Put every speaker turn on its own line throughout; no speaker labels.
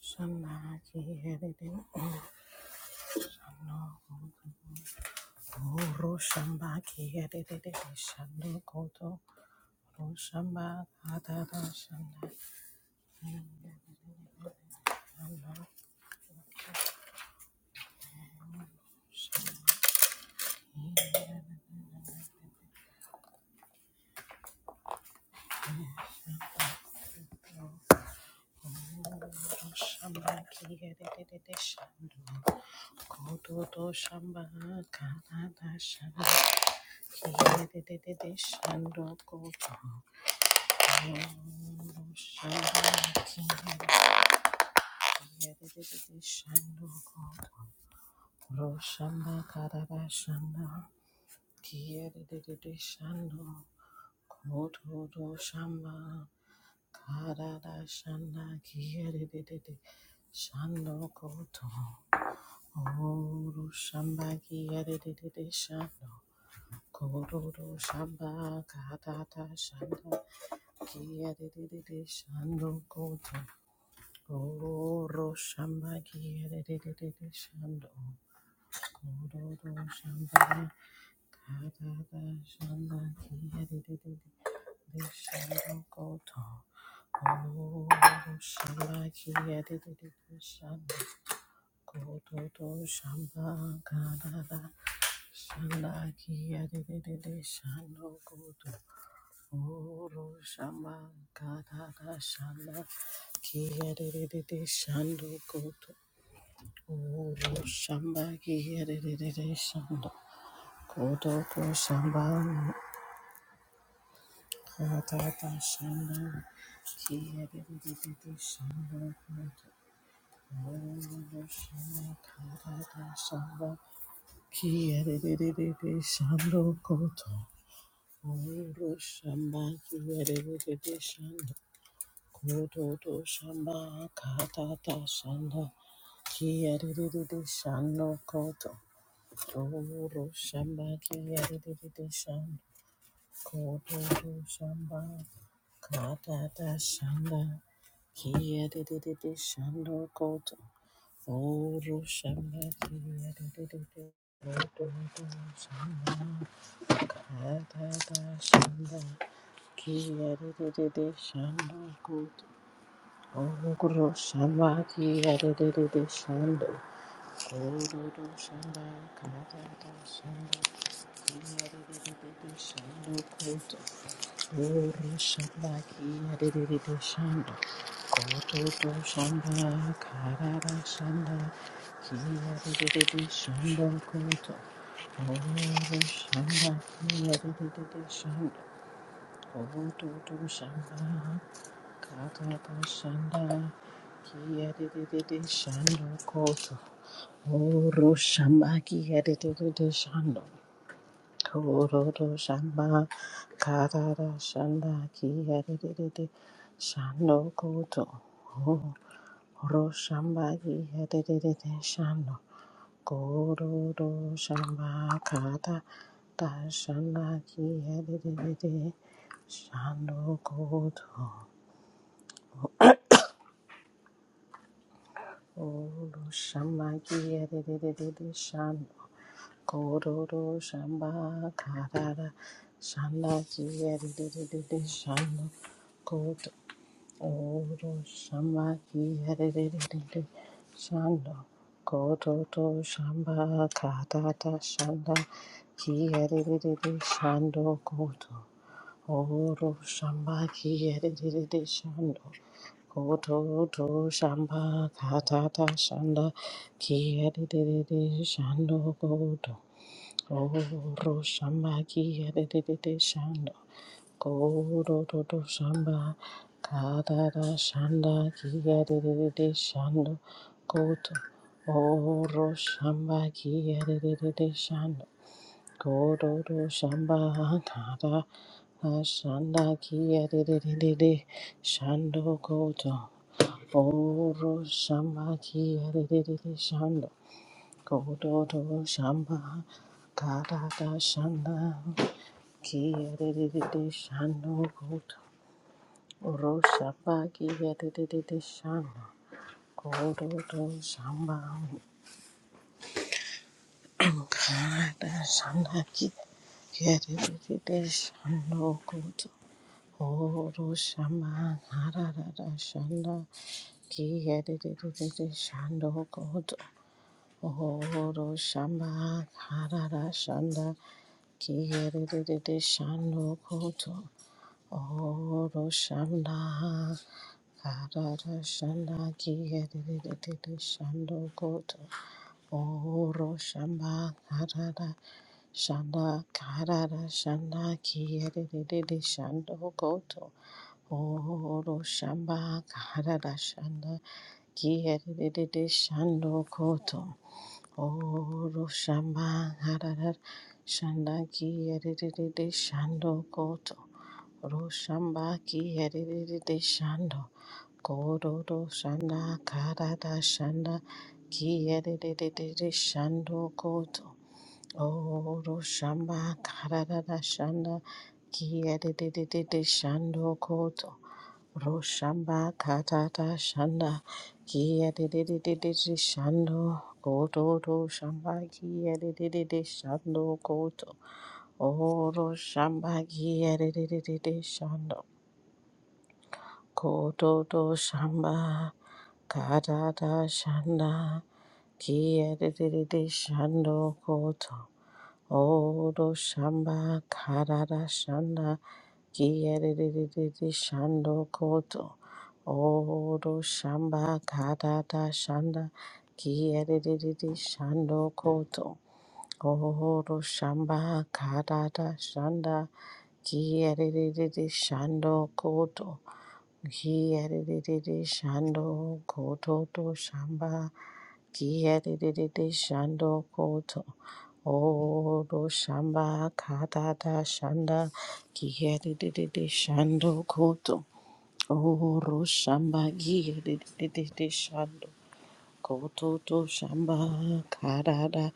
Shambaki yedede shando ro shambaki yedede shando koto ro shamba kata da shanda shando shando ro shambaki yedede shando koto do shamba kata da shambaki yedede shando koto ro shambaki Shando, Koto, Oro shamba ki yere de de de de shando. Shamba ki here, here, here, shando. Kodoto shamba hatata shamba kiyadididi shamba kodoto shamba hatata shamba kiyadididi shamba koto kodoto shamba kiyadididi shamba kodoto shamba hatata shamba kiyadididi shamba koto kodoto shamba kiyadididi shamba Kododo shamba, kadada shanda, kiyadididi shando koto, oro shamba, kiyadididi kododo shamba, kadada shanda, kiyadididi shando koto, oro shamba, kiyadididi shando, kododo shamba, kadada shanda, kiyadididi shando koto. Urushandakiyadididishanda, kototoshanda, kararashanda, kiyadididishanda koto. Urushanda, kiyadididishanda, kototoshanda, kararashanda, kiyadididishanda koto. Urushamba, kiyadididishanda Kororo shamba karara shanda kiyerere shando koto ro shamba kiyerere shando kororo shamba karara shanda kiyerere shando koto ro shamba kiyerere shando Kororo shamba karara shanda kiyeri diri diri shanda kororo shamba kiyeri diri diri shanda kororo shamba karara shanda kiyeri diri diri shanda kororo shamba kiyeri diri diri shanda kororo shamba karara shanda kiyeri diri diri shanda kororo Goro shamba ki yadididi shanda. Goro dodo shamba. Kadada shanda ki yadididi shanda. Goto. Oro shamba ki yadididi shanda. Goro dodo shamba. Kadada shanda ki yadididi shanda. Goto. Oro shamba ki de de de de shanda. Kororo shamba karada shanda kiyerere shano koto oro shamba kiyerere shano kororo shamba karada shanda kiyerere shano koto oro shamba karada shanda kiyerere shano koto oro shamba karada shanda Kiyerere shano koto oro shana karara shana kiyerere shano koto oro shamba karara shana karara shana kiyerere shano koto oro shamba karara shana kiyerere shano koto Oro shamba hararar shanda ki yerere de shando koto. Ro shamba ki yerere de shando koro ro shanda karada shanda ki yerere de shando koto. Oro shamba karada shanda ki yerere de shando koto. Roshamba Katata Shanda Kia Didididididi Shando Koto to Shamba Kia Didididi Shando Koto Oro Shamba Kia Didididi Shando Koto to Shamba Katata Shanda Kia Didididi Shando Koto Oro Shamba Katata Shanda Kiyerere shando koto oro shamba katata shanda kiyerere shando koto oro shamba katata shanda kiyerere shando koto kiyerere shando koto to shamba Kiyadididi shando koto. Odo shamba katada shanda. Kiyadididi shando koto. Oro shamba kiyadididi shando koto to shamba katada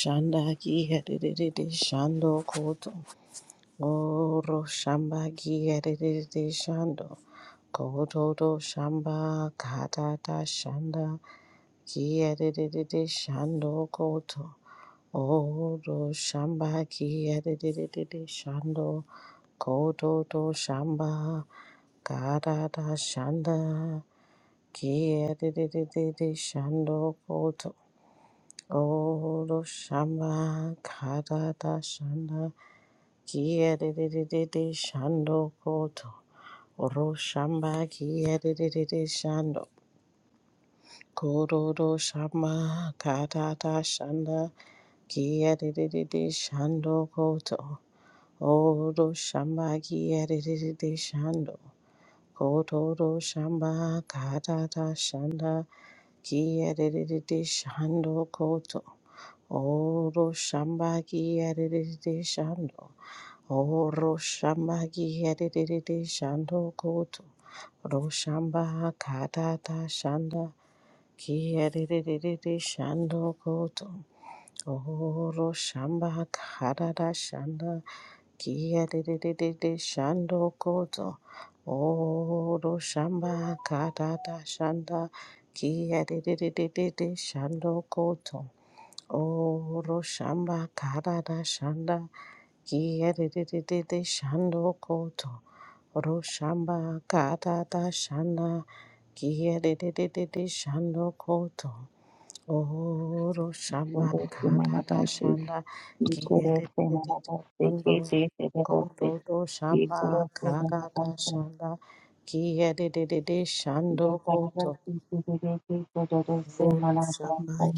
shanda kiyadididi shando koto. Oro shamba kiyadididi shando koto to shamba katada shanda. Kiyadididi shando koto. Odo shamba kiyadididi shando koto to shamba. Kada da shanda kiyadididi shando koto. Odo shamba kada da shanda kiyadididi shando koto. Oro shamba kiyadididi shando. Kododo shamba kada da shanda. Kiyadididi shando koto. Odo shamba kiyadididi shando. Koto do shamba katata shanda kiyadididi shando koto. Odo shamba kiyadididi shando. Oro shamba kiyadididi shando koto. Ro shamba katata shanda kiyadididi shando koto. Toro shamba karara shanda kia de de de de de shando koto. Oro shamba karara shanda kia de de de de de de shando koto. Oro shamba karara shanda kia de de de de de shando koto. Oro shamba karara shanda kia de de de de de shando koto. Oro shamba
Korosi
kadada
manabasi,
shanda kiyere
korosi manabasi,
shando
kete korosi,
kododo shamba
korosi
kadada
manabasi,
shanda kiyere shando
korosi
koto
manabasi, korosi manabasi, korosi
oro shamba
manabasi,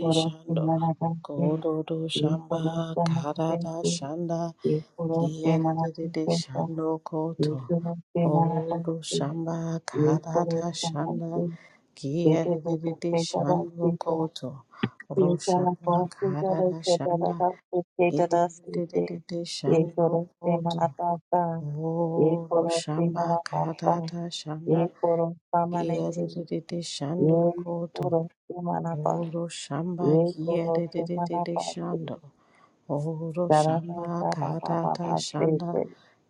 korosi manabasi, korosi
shando
manabasi,
kododo shamba
korosi manabasi,
kadada shanda kiyere shando koto oro shamba kada
korosi
da shanda
manabasi, kete
Kiyerere
korosi
shando
manabasi,
koto
ये सारा
roshana
बहुत सुंदर है
karara
छोटा
shana
दादा उसके दादा सीखे
kiyerere
ये
shando
करो से
koto
मना पाता ये
oro
करो से
shamba
मना पाता
karara shanda
ये करो सामने ची
kiyerere shando
ये
koto
करो से मना पा
oro shamba
ये करो से मना
kiyerere
पाते
shando oro
सारा सा
shamba
सारा बाबा
karara
पाते
shanda
से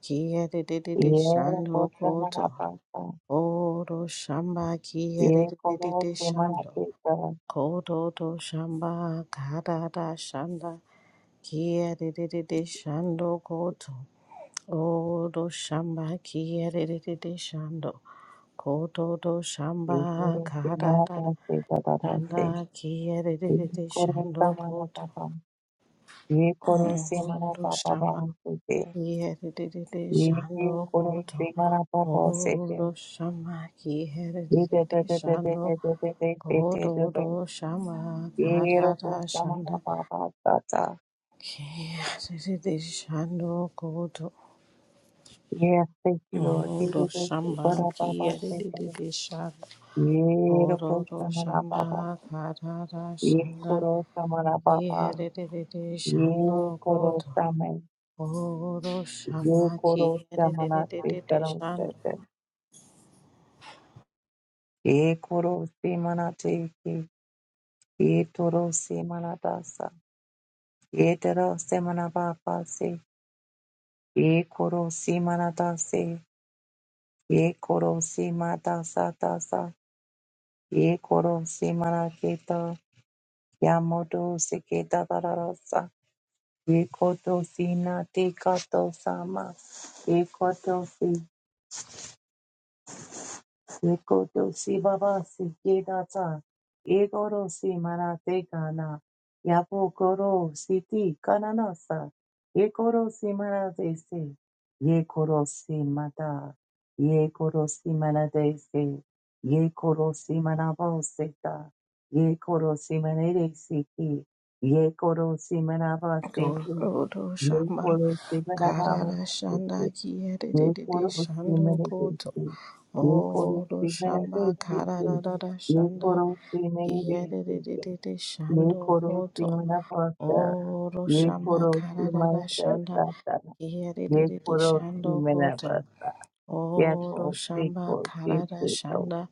kiyerere
ये
shando
करो से
koto
मना पाता
oro shamba
ये करो
kiyerere
से मना
shando
पाता
Kodo do shamba kada da shanda kia de de de de shando koto odo shamba kia de de de de shando koto do
ये
shamba
करो से
kada
मना
da
पाते दादा से
shanda kia de de
ये
de de
करो
shando
से मना
koto
पाता ये करो से मना
odo
पापा
shamba
बाहर से
kia de de de de
ये ये
shando
करो से
koto
मना पापा से
odo
ये
shamba kia de de
they
de
they
de
they they they they
shando
they they they they they they
koto
they
do shamba
ये
kada
रोको
da
से मना
shanda
पापा साता
Shando Godo
ये अस्ते किलो की दे
Ororo
दो से
Shamba
बड़ा पापा से दे
Kiyadididi Shando
ये रोको से
Ororo
मना पापा
Shamba Karara
ये
Shanda
करो से मना पापा
Kiyadididi
ये
Shando
करो
Godo
से मैं
Ororo
ये
Shamba
करो से मना से
Kiyadididi
करो से
Shando
से। ये करो से मना से ye toro si manadasa, ye toro se manabapasi, ye koro si manadasi, ye koro si madasa dasa, ye koro si manakita, yamodo si kita darasa, ye koto si nati kato sama, ye Sekotoshi babasi gedata. Egoroshi manate kana. Yapokoro siti kananasa. Ekoroshi manate se. Yekoroshi mata. Yekoroshi manate se. Yekoroshi manaboseta. Yekoroshi manere siki. Yekoroshi manabasete.
Ororo Shamba
Yekoroshi
Karara
manabasete.
Shanda
ये code
Kiyadididi
उसके
Shando
मेरे
Godo
देशे ये code
Oro
उसके मेरे
shamba
देशे से से
Karada
ये कोड
shanda.
उसके मेरे देशे से से
Kiyadidididi
ये
shando
कोड उसके
koto.
मेरा पास्ता
Oro
ये कोड
shamba
उसके
kararara
मेरा
shanda.
पास्ता ये
Kiyadidididi
कोड उसके
shando
मेरा
koto.
पास्ता ये
Oro
कोड उसके
shamba
कोड से
karara
से तो
shanda.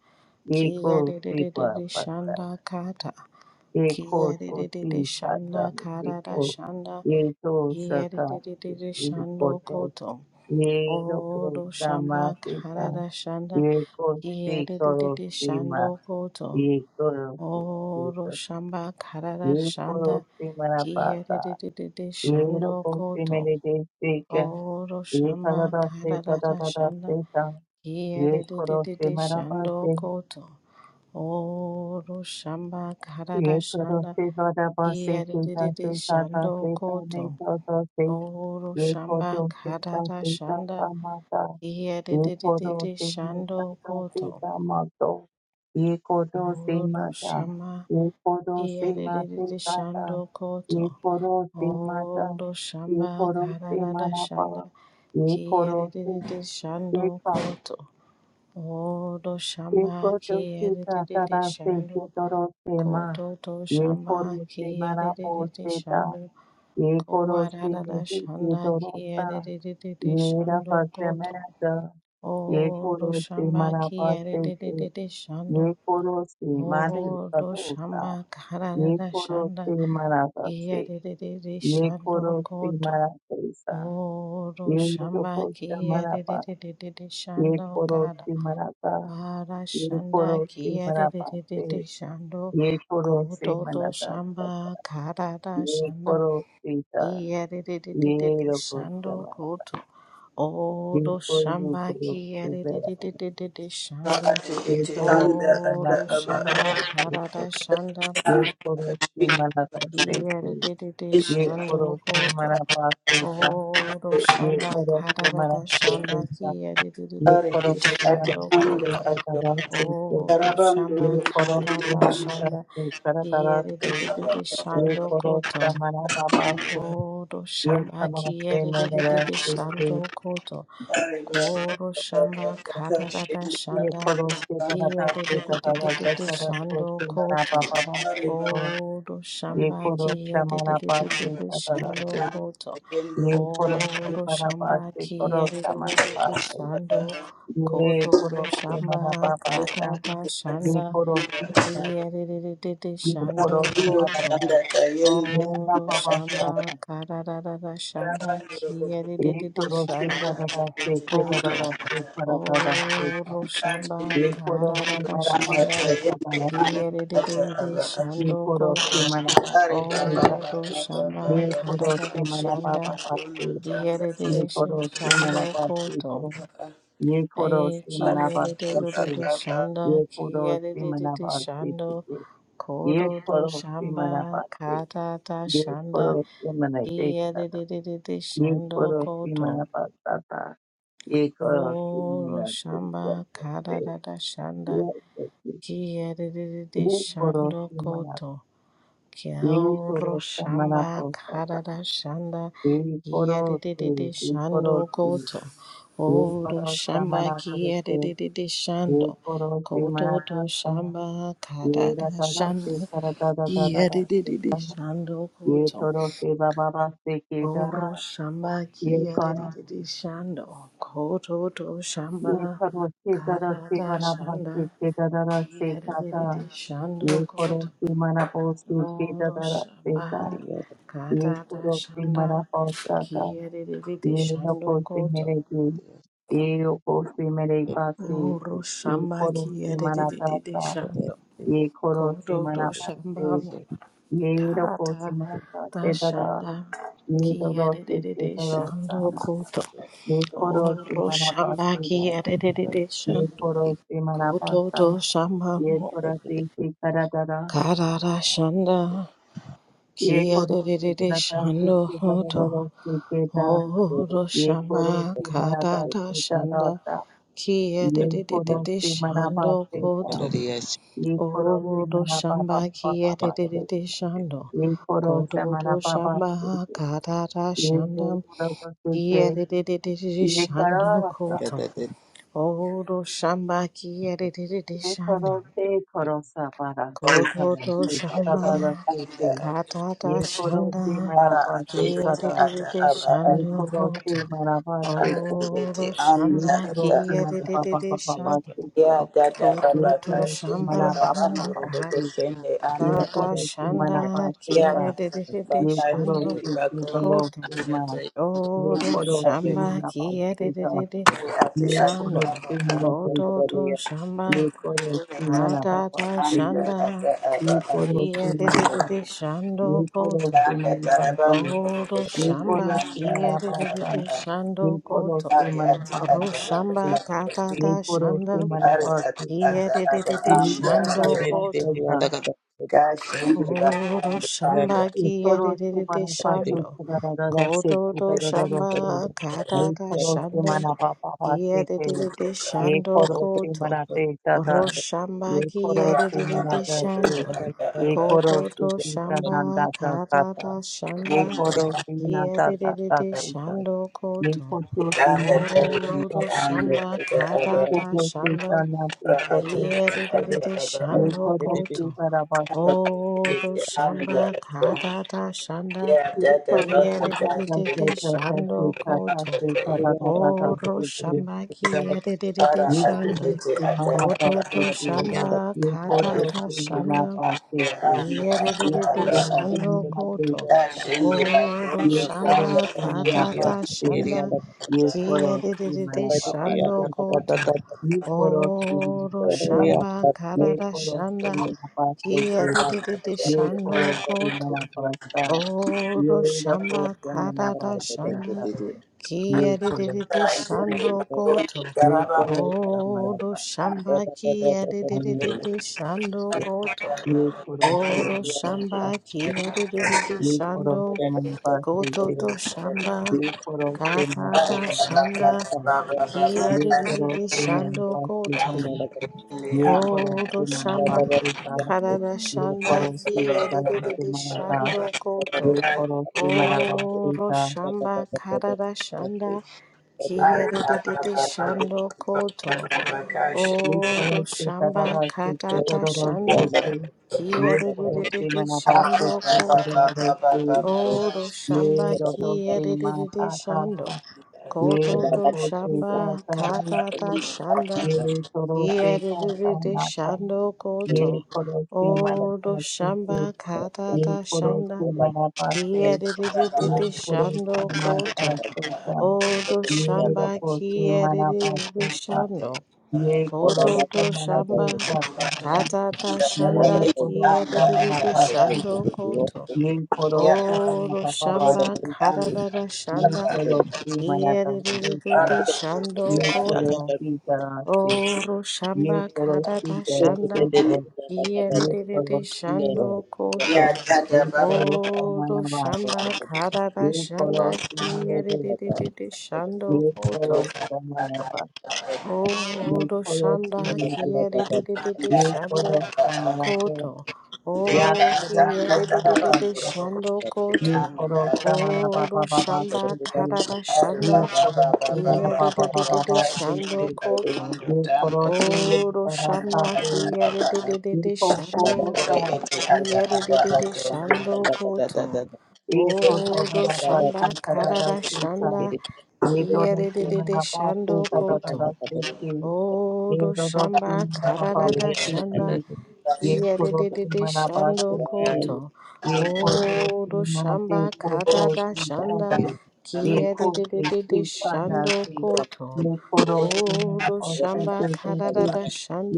ये कोड उसके code
Kiyadidididi
pasta
shanda kata.
ये कोड
Kiyadidididi
उसके साता
shanda
ये
karara
कोड
shanda.
ये तो सता
Kiyadidididi
ये
shando
code
koto.
Ye loko
Oro
sama
shamba
seka.
karara shanda.
Ye ko si koro
Kiyadidididi
sima.
shando koto.
Ye koro ko
Oro
sika.
shamba karara
Ye
shanda.
koro sima na pata.
Kiherererere
Ye
shando
loko
koto
sima ne de seka.
oro
Ye
shamba
kada da se kada
kararara
da da
shanda
se ta. Ye koro
kiherererere
sima na
shando
pate.
koto oro shamba karara
Ye koro
shanda
sima na pate. Kita
kiherererere
se kada
shando
se ta
koto
ne to to se.
oro
ये कौन
shamba
से
karara
ताता
shanda
ताता माता ये कौन
kiherererere
से
shando
माता
koto
माता माता ये कौन से
oro
माता
shamba
ये कौन से
kiherererere
माता
shando koto
ये कौन से माता
oro
ये
shamba
कौन से
karara
माता
shanda
ये कौन
Kiyadididi shando
से
koto odo
ये
shamba
कोरोसी
kiyadididi
साथा से
shando
कितरोसे माँ
koto to
ये
shamba
कोरोसे मरा
kiyadididi
पोसे था
shando
ये कोरोसे
kowadada
नहीं
shanda
कितरोसा
kiyadididi
ये
shando
रहस्य
koto
मेरा था ये
odo
कोरोसे
shamba
मरा पोसे थे
kiyadididi shando
ये कोरोसे माँ दे
odo
सतोसा
shamba
ये
karadada shanda
कोरोसे मरा था से
kiyadididi
ये
shando
कोरोसे
koto
मरा थे सा
odo
ये जो
shamba
पोसे मरा पा
kiyadididi
ये
shando kada
कोरोसे मरा पा ये
Arashana
कोरोसे मरा
kiyerere
पा से
shando
ये करो से
kototo
मना का
shamba karara
ये
shana
करो सीता
kiyerere
ये रखो
shando
सेवा
koto
ये
odo
कोई
shamba
करो से
kiyerere
बेरा
shando
ati
ये
iti
करो
anda
से
ata
मना
odo
का
aba
पापा
shamba
का
ati
karara shanda
ये
anda
करो
kati
से मना का से कोई
kiyerere
iti
ये
shando
करो से
koto
मना पास से का
odo
ये
shamba
करो से मना
karara shanda
से का ये
kiyerere
ari
करो
iti
से
ati
मना
shando
का
anda
से
koto
का
ato
का से कोई
Oh, do
Arabam
shamba
ये
dorobo
करो
kata
kushindi
से
ta
मना
anda
का
shanda
से करा करा
kiyere
से
de de de de
ato
ये
shando
करो से
koto.
मना पापा
Oh, do
ये
shamba
नमस्ते
kiyere de de
मेरे
de de
से
shando koto.
ari ba
Koro shamba kata ta ta
kashindi
ये
shanda
करो से तरह
kiyere
से
de de de de
तरह
de
से
de
तरह से
shando
से मेरा
koto.
पापा पास
ari
से
ba
तो
Oh, do
ये
shamba
करो से
kiyere de de
मेरा
de
पास
de
से
de
तरह
shando
से
koto.
tayende
ये करो
Oh,
से
do
मेरा पास
shamba
से करो
kiyere
से
de de
मेरा
de
पास
de
से
shando
ये
koto.
करो
Do
से मेरा
shamba
पापा
kata
से
ta
ati
ये
shanda.
करो से मेरा
Kiyadidididi
ये
ba
shando
करो से
kundo
मेरा
koto.
पास
tanda tayende
मेरा
Oro
पापा
shamba
साथ
kararara shanda
Arabam dorobo
ये
kiyadidididi
करो से
shando
तरह
kushindi
से
ati
से
anda
koto.
तरह से तरह से
Oro shamba
kashindi
ये करो से
tanda
kararara
मेरा पास
shanda
से
tayende
तरह
anda ato
kiyadidididi
aba
ye
shando
koro se
koto.
manapa
Ari baba
seka
Oro
baba
shamba
baba
ye koro
baba
se
kararara
shiri
manapa
shanda
papa se
bakondo tanda baba
ye koro
kiyadidididi
se
shando
manapa
koto.
seko ye koro
Eh,
se
ari
manapa
baba
seko
kiyadidididi
baba
shanda
ye koro se
kiyadidididi
manapa seko
shando Kodo
ye
do
koro se manapa
shamba
se
kata ta
ye koro
shanda
se manate kata
kiyadidididi
ye
shando
koro se
koto.
manapa tata ye koro se
Kororo
manapa
shamba kata
se
ta ta shanda kiyadidididi
ye koro
shando
se manapa
koto.
ye
Kiaoro
koro se manapa
shamba kata
sata,
ta shanda
एक पोरो से
kiyadidididi
एक
shando
पोरो से
koto.
एक
Oro
पोरो
shamba
सामाना को दे
kiyadidididi shando.
एक पोरो से
koto
मना
do
कर से
shamba kata
ये
ta
रहता
shanda
रहता रहता रहता
Kiyadididi shando
ये
koto.
तोरो से बा बा बा से के दारा
Oro shamba
ये काने
kiyadididi shando koto to
ये
shamba.
खरो से दारा से
Katata
बना भाग
shanda
से के दारा से जाता
kiyadididi shando
ये पोरो
koto.
से मना पोसे के
Oro
दारा से
shamba
जा ये
katata
पोरो से
shanda
मना पोसा
kiyadididi
ये
shando
लोगों से
koto.
मेरे जी ये लोगों से मेरे पास से
Oro
ये
shamba
खोरो से मना
kiyadididi
था
shando
ये खोरो से
koto to
मना पास से
shamba.
ये
Ta
लोगों
ta
से मना था
ta
से दादा
shanda.
ये
Kia
दोनों
de de
से
de
के
de
दोनों
shando
सामा
koto.
ये खोरो से
Oro
मना पास
shamba
से
ki de de de
ये
shando.
खोरो से मना
Koto
पास था
to shamba.
ये
mo
खोरो से के करा दादा
Karara shanda.
ये
Kia
खोरो
de de
से
de de
मना था से
shando
के दादा
koto.
दोनों से के दा
Oro
ये
shamba
खोरो से मना था
karara
से
shanda.
दादा
ki de
ये
de de de
खोरो
de
से मना
shando
पासे का
koto.
ये खोरो से
Odo
मना
shamba
पापा पापा
kiete
पासे
tete shando.
ये खोरो से
Kodo do
मना पापा से
shamba
ये
katata shanda
खोरो से से
kiete tete tete
ये
shando
करो सा
koto. Odo shamba kiete tete
ये
shando.
खोरो से खोरो सा पारा से
Kodo
थरो
do
से दादा
yende
दादा
shamba
से से
anda
katata
ये खोरो से
shanda
मना
ara ate
पासे का
ete
kiete
दा
ata
tete
aba
ये
ara
shando
खोरो से
koto.
मना पासे का
ate ete
Odo
ये
anda
shamba
खोरो
ata
से
kiete
मना पापा
tete
पापा
shando.
पासे
ya
का
dada
ये
baba
Kodo do
खोरो से
kashende
मना पापा
rabando
पापा
shamba
roboko
से
shende anda
ये
ata.
Dada
खोरो से मना
shanda
पासे
ya
kia
का
de
dada
de de
baba
de
ye koro
shando
kashende
si
bakondo
kudalo
koto
si
anda
ma,
ate
ye
Odo
anda
koro si
ate
shamba
manaba
kia de de
seta,
de de
ate
ye
ata
koro
shando
si
aba
koto
manabese,
to
ye
shamba.
koro si
Kada
manababa
da
anda
sete,
shanda
ata aba
ye
a
koro si
kia de de de
manata,
de
ye
shando
koro
koto.
si
anda
manabase,
tarabando robo
Odo
ye
kosende
koro
shamba
si
anda
kia
ata
de de de
manabasa,
aba
de
a
ye
shando
koro
koto.
si
ari ati
manababa
Ro
ata aba
sete,
shamba
ato
kada
ye
da
koro si
shanda
ari ati
manabaseta,
kia
ata
de de
aba
de de
ye
anda
kata
shando
ato
koto.
kata
kashende
Oro
bakondo anda
shamba
एक खोरोस्ते
kiyerere
परापास्ते
shando,
दरदरदर सेक्ते
kododo
ato
दरदरदर से
shamba
एक
karada
खोरोस्ते
shanda
मनापापापासेक्ते
kiyerere
एक
shando
खोरोस्ते
koto.
मनाते इतादा
Oro shamba
एक
ora
खोरोस्ते
aba
kiyerere
ato
मनादा से
oto
shando,
ata
एक
aba
खोरोस्ते
kododo
कीता Nanda
shamba
दा दा
karada
एक
shanda
anda anda
खोरोस्ते नांदा दा दा
kiyerere
तो इता
shando
एक
koto.
खोरोस्ते नांदे कीता
Oro
tarinde anda
shamba
ata
एक
aba
karada
खोरोस्ते
shanda
इता नांदे एक
ora ati ati ata
kiyerere
aba ato
shando koto.
खोरोस्ते
ati
Odo
ati anda
shamba
ato
kadada shanda
Yeah,
एक
that the
परमात्मा
Lord
yere
से
de
क्या
de de
करते हैं,
de
attached
करते हैं,
shando
to
koto.
करते
the
हैं, करते
Odo
हैं,
shamba yere de de de
Ara
ये
shando
करो
akibete ata ata
koto to shamba
ये
ara
कोडो
kadada
akibete
shanda
anda anda
yere
ata
de de de
ata
shando koto.
ata shende
Odo
bakondo kanda
shamba
से
kagende
kadada shanda yere de de de shando koto. Odo shamba kadada shanda Kia dididi shando koto.
मना pasta ये
Oro shamba
रखो क्या मना
karada shanda.
Pasta ये
Kia
को लोग
dididi
ara
क्या मतलब
shende
shando koto.
bakondo
ये
karaba
को लोग क्या माना
Oro
पाए
shamba kia dididi
हैं
shando koto.
ये को लोग सेम
Oro
ही
shamba
क्या
kia dididi
ये को लोग
shando
क्या माना पाए सही
koto
सही
to shamba.
ये को लोग क्या माना
Ari
Katata
पाए वो सही
shanda.
सही
Kia
ये को लोग
dididi
क्या माना
shando
पाए सही
koto.
सही ये को लोग
Kodo
क्या माना
shamba
पाए सही सही
karada
ये को
shanda
लोग
ki
क्या
adididi
माना पाए
shando koto.
ये
Oro shamba karada shanda ki adididi shando koto.
को
Oro
लोग क्या चला रहा
shamba
है सही तो
katata
तो
shanda
तो सही
ki
ये को लोग क्या
adididi
माना पाए
shando
सही
koto.
तो तो
Oro shamba
ये रोको
ki
से माँ का
adididi
काका
shando.
ये
Koto to
रोको से
shamba
काका मुझको
katata shanda.
ये करो से काका
Yedididi
नाका
shando
ये
koto.
करो से मना
Odo
पास से
shamba
ये
katata
करो
shanda.
से मना पास से ये
Yedididi
छोड़ो से
shando
माता
koto.
से का
Odo
ये
shamba
रोको से मना पास
kiyedididi
से का
shando.
ये करो
Koto
से
to
मना
shamba
पैसा का का
katata
ये
shanda
करो से मना
kiyedididi
पास से का
shando koto.
ये करो से मना
Odo
पापा पास
shamba
से
katata
ये
shanda.
पड़ोसी मनाते करा
Yedididi shando
ये
koto.
पड़ोसी कराते
Oro shamba
ये
katata
पड़ोसी
shanda.
कराते कर ये
Kiyerere
पड़ोसी
shando
कर
koto.
ये पड़ोसा
Odo
मना
shamba
मारता
karara
ये
shanda
पड़ोसी मेरे
kiyerere shando
ये
koto.
पड़ोसा मना पा ये
Odo shanda
पड़ोसी मेरे
kiyerere
ये
shando
पड़ोसा मना कर
koto.
या
O
पड़ोसी मना
kiyerere
पाता
shando
ये
koto.
पड़ोसा मना
Odo
पापा पापा
shamba
से
karara
ये
shanda
पड़ोसी मना पापा पापा
kiyerere shando
पापा
koto.
ये करो तो
Odo shamba
बराबर थी
Thank you.
ये
kiyerere
फोकस तो
shando
ore
पोसा
ete ata aba
Yedididi
ato
Shando Koto.
ये करो तो
Odo
बराबर
Shamba
थी तब
Karada
तक था
Shanda.
ये तो नहीं
Kiyedididi
मैंने पास थी
Shando
तब
Koto.
तक थी ये
Odo
तो तो
Shamba
मैंने
Karada
पास थी
Shanda.
ये करो से
Kiyedididi
मना पास
Shando
से
Koto.
ये खो दो से
Odo
मनाते
Shamba
खो तो
Karada
से दादा
Shanda.
ये खो से
Kiyedididi
इकाना
Shando
से
Koto.
ये करो से मना
Odo
पास से
Shamba
से से से
Karada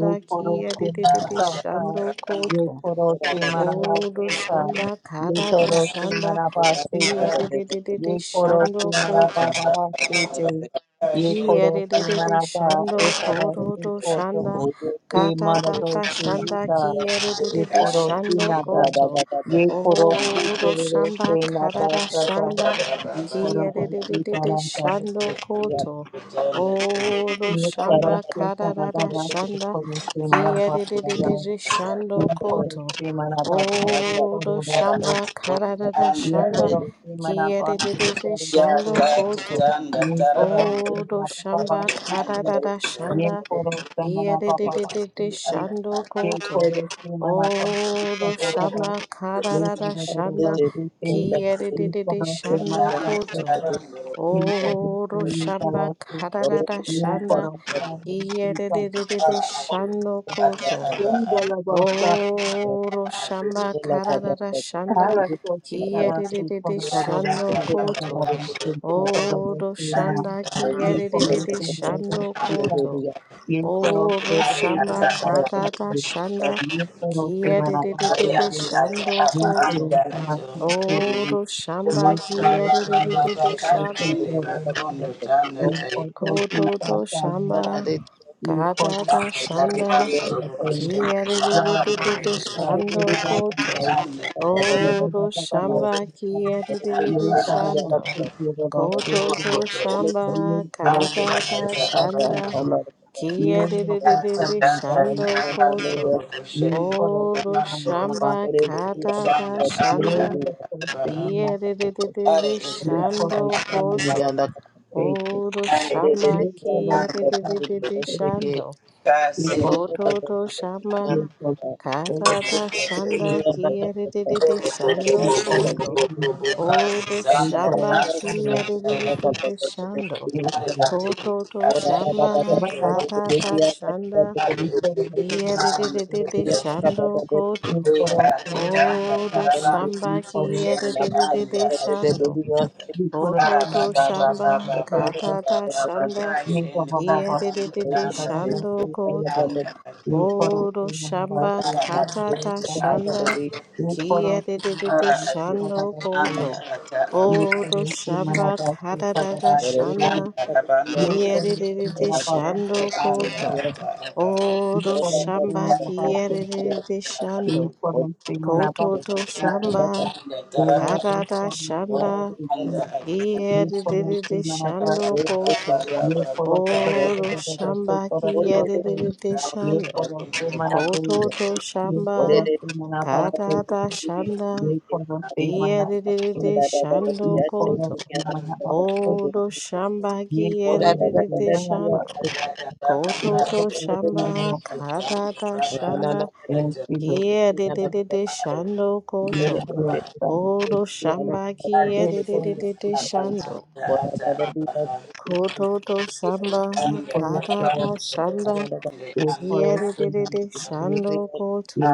ये करो से मना
daraba
Kiyedididi
ता ता
Shando
rangi
ये
Koto.
करो से मना दा
Odo
से ता
shamba
ये
kada da
करो से
shanda
मना पास से
kiya
ता
de de de de de
ये करो
shando
से मना
baba
पा
koto
पा पा से से
baba
ये
shete
करो से
Kiyerere
मना पा
shando
ऐसा से
kododo
खो तो
shanda
ये
kata
मरा तो
tata shanda
से ये
kiyerere
खोरो
kanda
सी
shando
नाता
koto
ये खोरो सी
odo
तेरे
shamba
से नाता
karara
सता
shanda
baba
ये
baba
खोरो सी
kiyerere
तारा ता
shando koto
kutonda
odo
ये
shamba
खोरो सी सदा
karara
दादा ये
shanda
खोरो सी मना
tara
पाप सता
kiyerere shando
ये खोरो
koto
सी मना पाप से
odo
खोरो दोस्त
shamba karara
anda
ये
shanda
खोरो सी मना पाप से
kiyerere
खोरो
ya
shando
दोस्त
ka
koto
kutanda
ये
taraba
खोरो सी
Odo
मना पाप
shamba
shete anda
से
karada
ore
ये
shanda
खोरो सी मना पाप
ete
yedede
से
ata
shando
aba
ये
ato
koto.
खोरो सी मना पाप
Odo
से
shamba
Ye
karada
kara da da da
shanda
se te, ye
kiyedede
kara
te
se mana
shando
da
kanda
se
koto.
ta,
taraba anda
ye kara se
Odo
ye
shamba
kara se,
karada
ye
shanda
kara se mana se ta.
kiyedede
para ato
shando
ata
koto.
Ye
aba ato
jala ba sa,
Oro
ato
shamba kararara shanda
kara so se kara se
kiyerere
kara da
ya
da
ka
da
shando
se
baba
ta da
koto.
da da
baba
se
shete
O
se da da da se na.
kanda
shanda
Ye
tarara
kara
kiyerere
se mana da
shando
se ta,
koto.
ye kara se
Oro
ari
mana da
ata
shamba
da da se
ata
kararara
te,
shanda
ye kara se mana da
ari
kiyerere
se te.
ata ata
shando
aba
New
koto.
anda
photos in my
ato
conversation.
Oro shamba
New photos
baba baba
in my
kiyerere
baka
shando
kini makondo
conversation.
tanda
New photos
tayende
koto
in
to
my conversation.
shamba
New photos
kararara
tanda
in
shanda
tarabando
my
roko
conversation.
shema
Yeah, you
tarabando
kiyerere
see, yeah, see
shando
how I can
koto.
tell.
anda ata
You need to
Odo
talk about
shamba
this, yeah.
kiyeriri
You talk
aba
about
shando.
this, you talk about this,
Koto do
roko
you.
to
shamba
You talk about
kata
this,
anda
you
da
talk
ata
about
aba
this,
shanda.
you. You talk about this, you talk about this, you. You talk about
ati
Kiyeriri
this,
tanda
shando
tarabando
koto.
roko shema
Odo
tarabando
you talk
roko
about
shamba
this, you.
kata da
shanda anda
shanda.
Glory to
ata aba
something like that.
are
Kiyeriri
ete
We for
ata
shando
those
aba
things like
koto.
faith.
Odo
are
shamba
We for those
ete
that have
kiyeriri
faith.
shando.
God
We
send
for those
Koto do shamba
you for the faith.
kata da shanda.
We for the
Kiyeriri shando
you for
koto.
the
Odo
we for those
shamba
things
kia
like
de de de de de shando.
you for the
Koto to
the
shamba
man of us.
katata shanda
We for those things
kia
like
de de de de de
faith.
shando
We
koto.
for those things like
Odo
faith. We
shamba
for the
kia de de de de de shando.
we for those
Ara
Koto
ati
things
to
like
ata
shamba
aba,
faith.
katata shanda
We for the we for
kia
those
de de
things
de de shando
like faith.
koto.
We for
Oro
those
shamba
things like
katata
faith.
shanda
ये करो
kia de
से
de de de
ara
मनाते हैं
ati
संता
shando
दादा से
anda
koto.
ata aba.
ये
Oro
करो से
shamba
मनाता से
katata
संता दादा से
shanda
ये
kia de
करो
de
से
de de
मनापा से
shando
संता दादा
koto.
ये
Oro
करो से
shamba
मनापा
kia
से
de de de de
ये
shando
करो से मनापा
koto
से
to
मेरे
shamba
को प्रेम का
katata
मनापा से
shanda
ये करो
kia de de de
से
de
मनापा
shando
से
koto.
ये करो से संता
Oro
दादा दादा से
shamba
संता
kia
दादा
de de
से
de de
ये
shando.
करो से मनाते
Kototo
ये करो
shamba
से मनापा से
katata shanda
ये करो से मनापा
kiyerere shando koto
Yes,
odo shamba kiyerere shando kototo shamba katata shanda kiyerere shando koto odo shamba kiyerere shando kototo shamba katata shanda kiyerere shando koto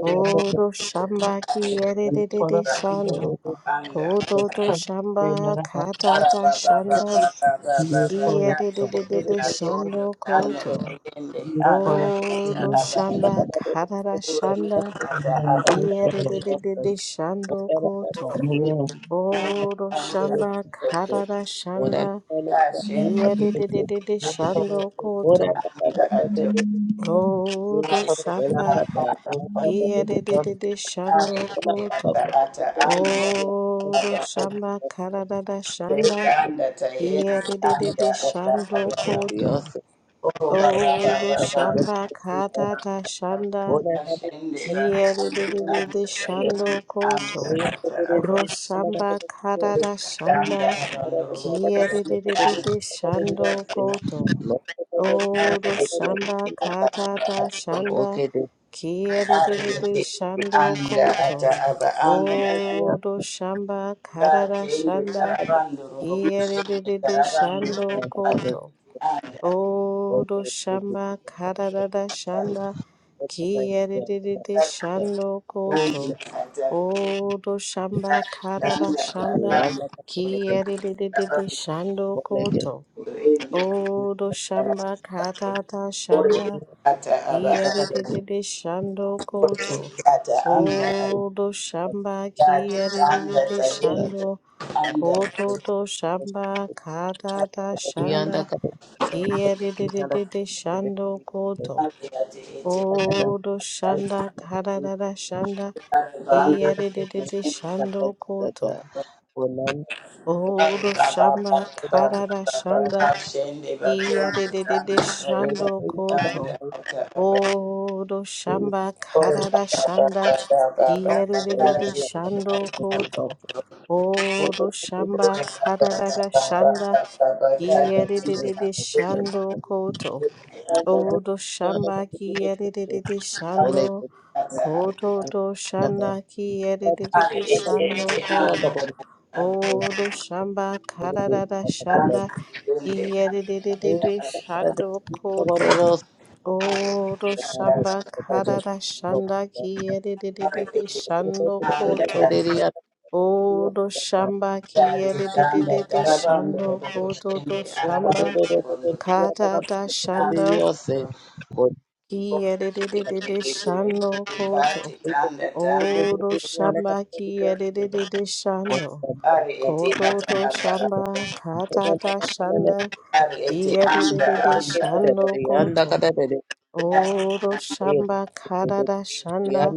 Odo shamba ki erere shando.
Anda,
Koto to shamba
Anda
katata shando ki erere shando koto.
tayende anda ata
Odo shamba katata shanda ki erere shando koto. Odo shamba katata shanda ki erere shando koto. Odo shamba Kiyadididi shando koto. Odo shamba karadada shanda. Kiyadididi shando
ata.
koto.
Oh, ba ba ba
Odo
ba ba
shamba karadada shanda.
Ashende bakanda tanda
Kiyadididi shando koto.
anda ata aba
Roshamba karada shanda.
tanda abandorobo kutende anda
Kiyadididi shando koto. Oro
arigete
shamba katata
ato
shanda kiyerere shando
anda
koto.
ata aba anda
Oro shamba karara
katende
shanda
tarabandorobo kutende
kiyerere
tarabandorobo
shando
ati
koto.
anda
Oro shamba karara
ata anda
shanda kiyerere shando
anda
koto. Oro shamba karara shanda kiyerere shando koto. Odo shamba katata shanda
ata aba
kiyerere shando koto.
Ata anda
Odo shamba
ati anda
kiyerere
tayin
shando
anda ati
koto to shamba katata
ati
shanda kiyerere shando koto.
ati ati ati
Odo
ati
shanda katata shanda
bang
kiyerere shando koto.
ba
Odo
ba ba
shamba
ba
katata
ba ba
shanda
ba shende ba tonda
kiyerere
anda tayin
shando koto.
anda ata ba
Odo shamba
ora
karada
ba ba ba
shanda
ba ba ba ba ba
kiyeriri
ti
shando koto. Odo shamba
ora ba ba ba
karada
ba ba
shanda
ba ba ba ka ti
kiyeriri shando koto.
anda
Odo shamba kiyeriri shando
ati ata ati
koto to shanda kiyeriri
ati
shando
ati
koto.
anda
Odo shamba karada shanda
Thank
kiyeriri shando koto. Oro shamba karara shanda kiyerere shando koto. Oro shamba kiyerere shando koto to shamba karara shanda kiyerere shando koto. Oro shamba kiyerere shando koto to shamba karara shanda kiyerere shando koto. Oro shamba karada shanda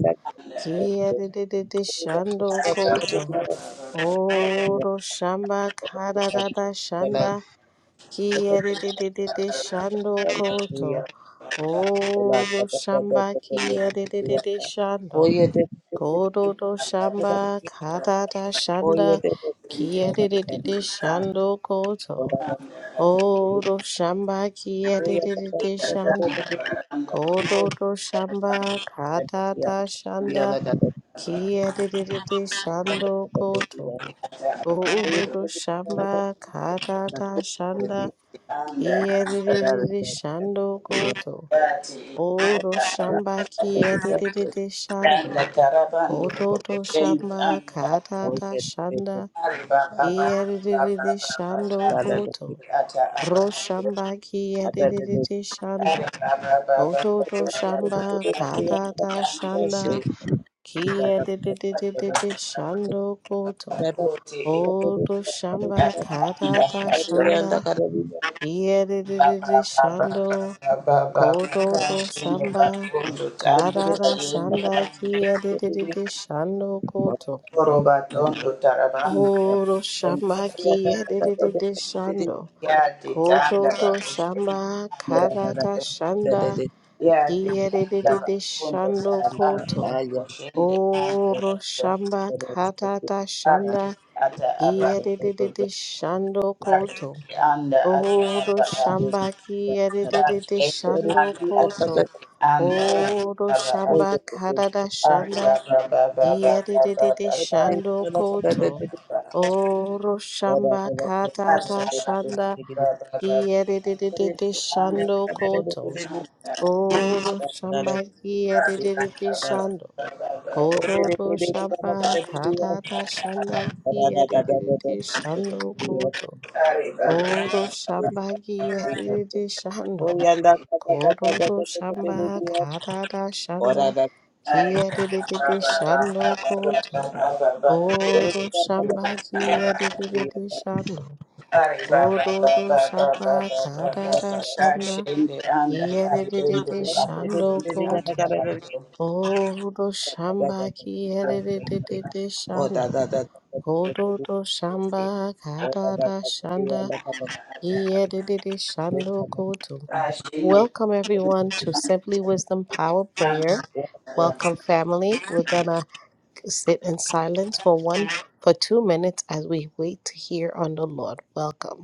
kia de de de de shando koto. Oro shamba karada da shanda kia de de de de de shando koto. Oro shamba kia de de de de shando. Kodo do shamba karada shanda kia de de de de shando koto.
you.
Oro shamba kia de de de
Thank
de shando. Kododo shamba katata shanda kiyedididi shando koto. Kododo shamba katata shanda kiyedididi shando koto. Odo shamba kiyedididi shando. Kododo shamba katata shanda kiyedididi shando koto. Ro shamba kiyedididi shando. Ototo shamba katata shanda kia de de de de de de shando koto. Odo shamba katata
you.
shanda kia de de
Anda
de de
Anda
shando koto to shamba katata shanda kia de de de de shando koto. Odo shamba kia de de de de shando koto to shamba katata shanda kia de de de de shando koto. Oro shamba katata shanda kiyedididi shando koto. Oro shamba kiyedididi shando koto.
Anda anda
Oro
anda
shamba katata shanda kiyedididi shando koto. Oro shamba katata shanda kiyedididi shando koto. Oro shamba kiyedididi shando. Kododo shaba kadada shanda ki edididi shando koto. Kodo shamba ki edididi shando. Kododo shamba kadada shanda ki edididi shando koto. Kodo shamba ki edididi shando. Kododo shamba kadada shanda
Kashende
ki edididi shando koto. Odo shamba ki erere de de de shando. Kodo do shamba kada da shanda ki erere de shando kodo. Welcome everyone to Simply Wisdom Power Prayer. Welcome family. We're gonna sit in silence for one for two minutes as we wait to hear on the Lord. Welcome.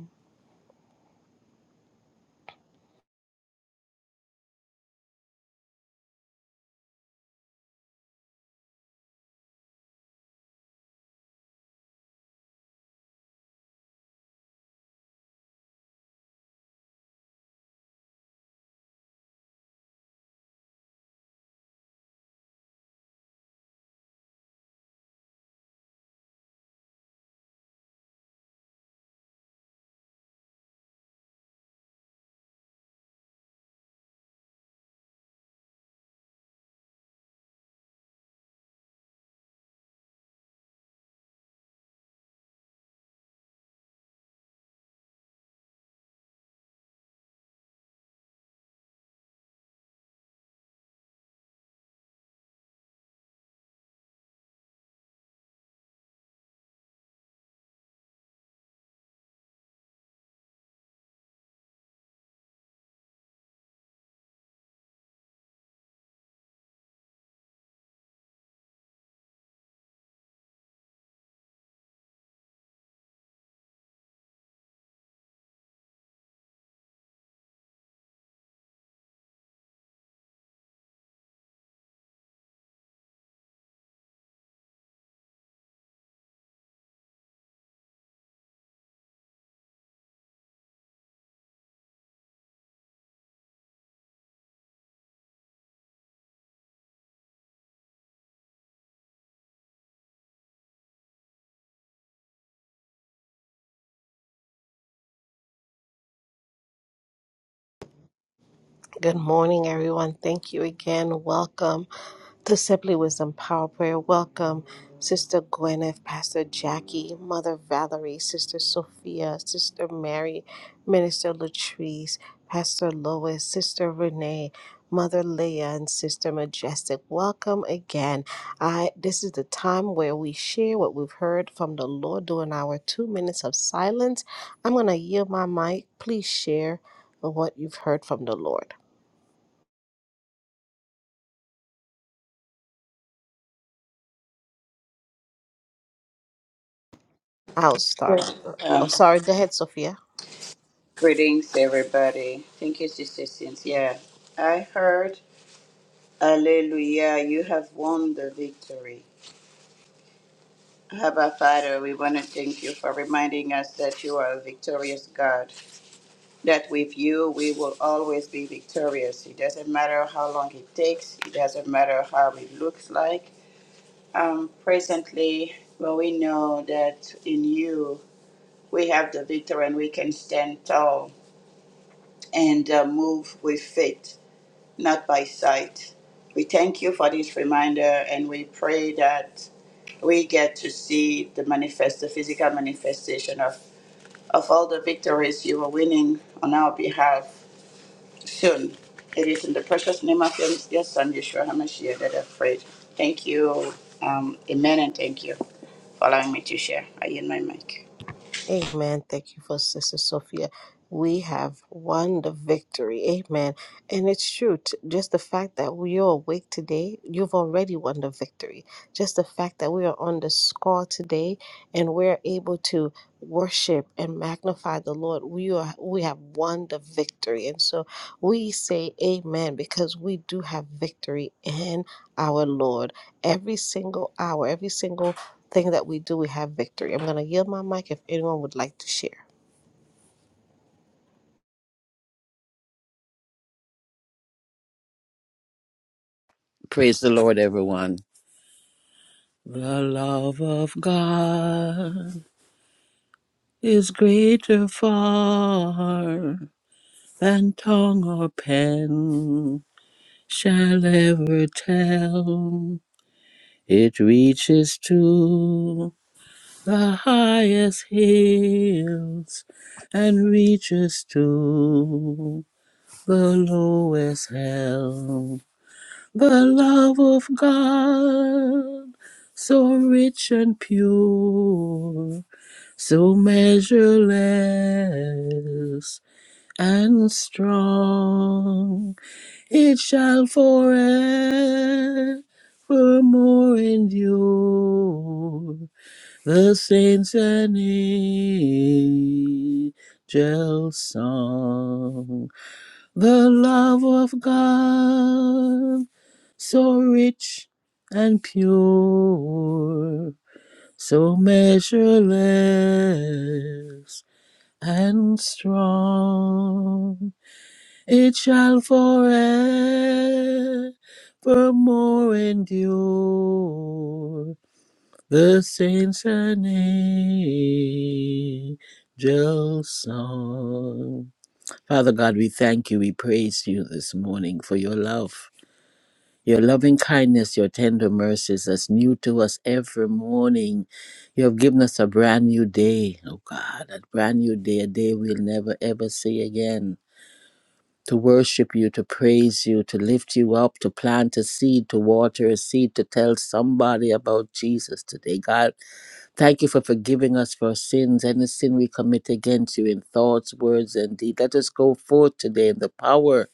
Good morning, everyone. Thank you again. Welcome to Simply Wisdom Power Prayer. Welcome, Sister Gwyneth, Pastor Jackie, Mother Valerie, Sister Sophia, Sister Mary, Minister Latrice, Pastor Lois, Sister Renee. Mother Leah and Sister Majestic, welcome again. I this is the time where we share what we've heard from the Lord during our two minutes of silence. I'm gonna yield my mic. Please share what you've heard from the Lord. I'll start. Oh,
Um,
sorry. Go ahead, Sophia.
greetings, everybody. Thank you, Sister Cynthia. I heard, Alleluia, you have won the victory. Abba, Father, we want to thank you for reminding us that you are a victorious God, that with you we will always be victorious. It doesn't matter how long it takes, it doesn't matter how it looks like. Um, presently, well, we know that in you we have the victory and we can stand tall and uh, move with faith, not by sight. We thank you for this reminder and we pray that we get to see the manifest, the physical manifestation of, of all the victories you are winning on our behalf soon. It is in the precious name of your, your son, Yeshua HaMashiach, that I've prayed. Thank you. Um, amen and thank you for allowing me to share. I yield my mic.
Amen. Thank you for Sister Sophia. We have won the victory. Amen. And it's true. t- Just the fact that we are awake today, you've already won the victory. Just the fact that we are on the score today and we're able to worship and magnify the Lord, we are we have won the victory. And so we say amen because we do have victory in our Lord. Every single hour, every single thing that we do, we have victory. I'm going to yield my mic if anyone would like to share.
Praise the Lord, everyone. The love of God is greater far than tongue or pen shall ever tell. It reaches to the highest hills and reaches to the lowest hell. The love of God, so rich and pure, so measureless and strong, it shall forevermore endure. The saints and angels' song. The love of God, so rich and pure, so measureless and strong, it shall forevermore endure. The saints and angels' song. Father God, we thank you. We praise you this morning for your love, your loving kindness, your tender mercies that's new to us every morning. You have given us a brand new day, oh God, a brand new day, a day we'll never ever see again. To worship you, to praise you, to lift you up, to plant a seed, to water a seed, to tell somebody about Jesus today. God, Thank you for forgiving us for our sins, any sin we commit against you in thoughts, words, and deed. Let us go forth today in the power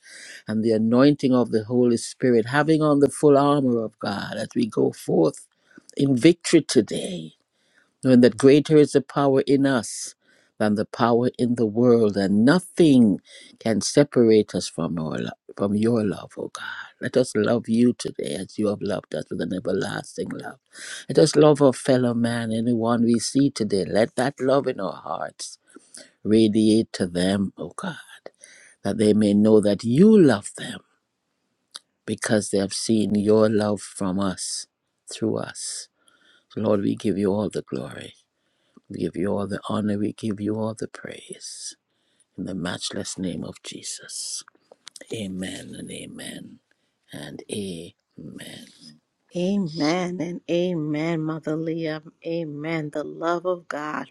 and the anointing of the Holy Spirit, having on the full armor of God as we go forth in victory today knowing that greater is the power in us than the power in the world, and nothing can separate us from our lo- from your love, O God. Let us love you today as you have loved us with an everlasting love. Let us love our fellow man, anyone we see today. Let that love in our hearts radiate to them, O God, that they may know that you love them because they have seen your love from us, through us. So, Lord, we give you all the glory. We give you all the honor. We give you all the praise. In the matchless name of Jesus. Amen and amen and amen.
Amen and amen, Mother Leah. Amen. The love of God.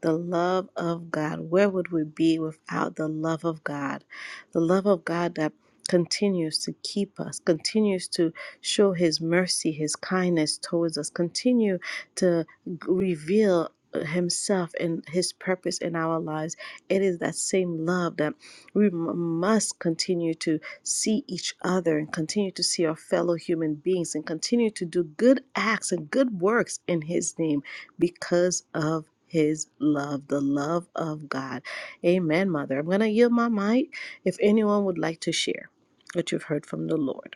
The love of God. Where would we be without the love of God? The love of God that continues to keep us, continues to show His mercy, His kindness towards us, continue to. reveal himself and his purpose in our lives it is that same love that we m- must continue to see each other and continue to see our fellow human beings and continue to do good acts and good works in his name because of his love the love of god amen mother i'm going to yield my mic if anyone would like to share what you've heard from the lord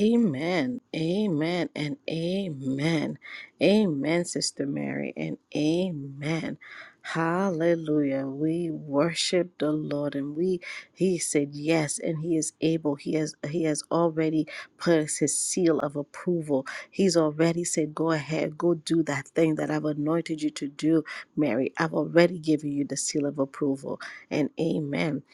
Amen. Amen and amen. Amen, Sister Mary, and amen. Hallelujah. We worship the Lord and we he said yes and he is able. He has he has already put his seal of approval. He's already said go ahead, go do that thing that I've anointed you to do, Mary. I've already given you the seal of approval. And amen.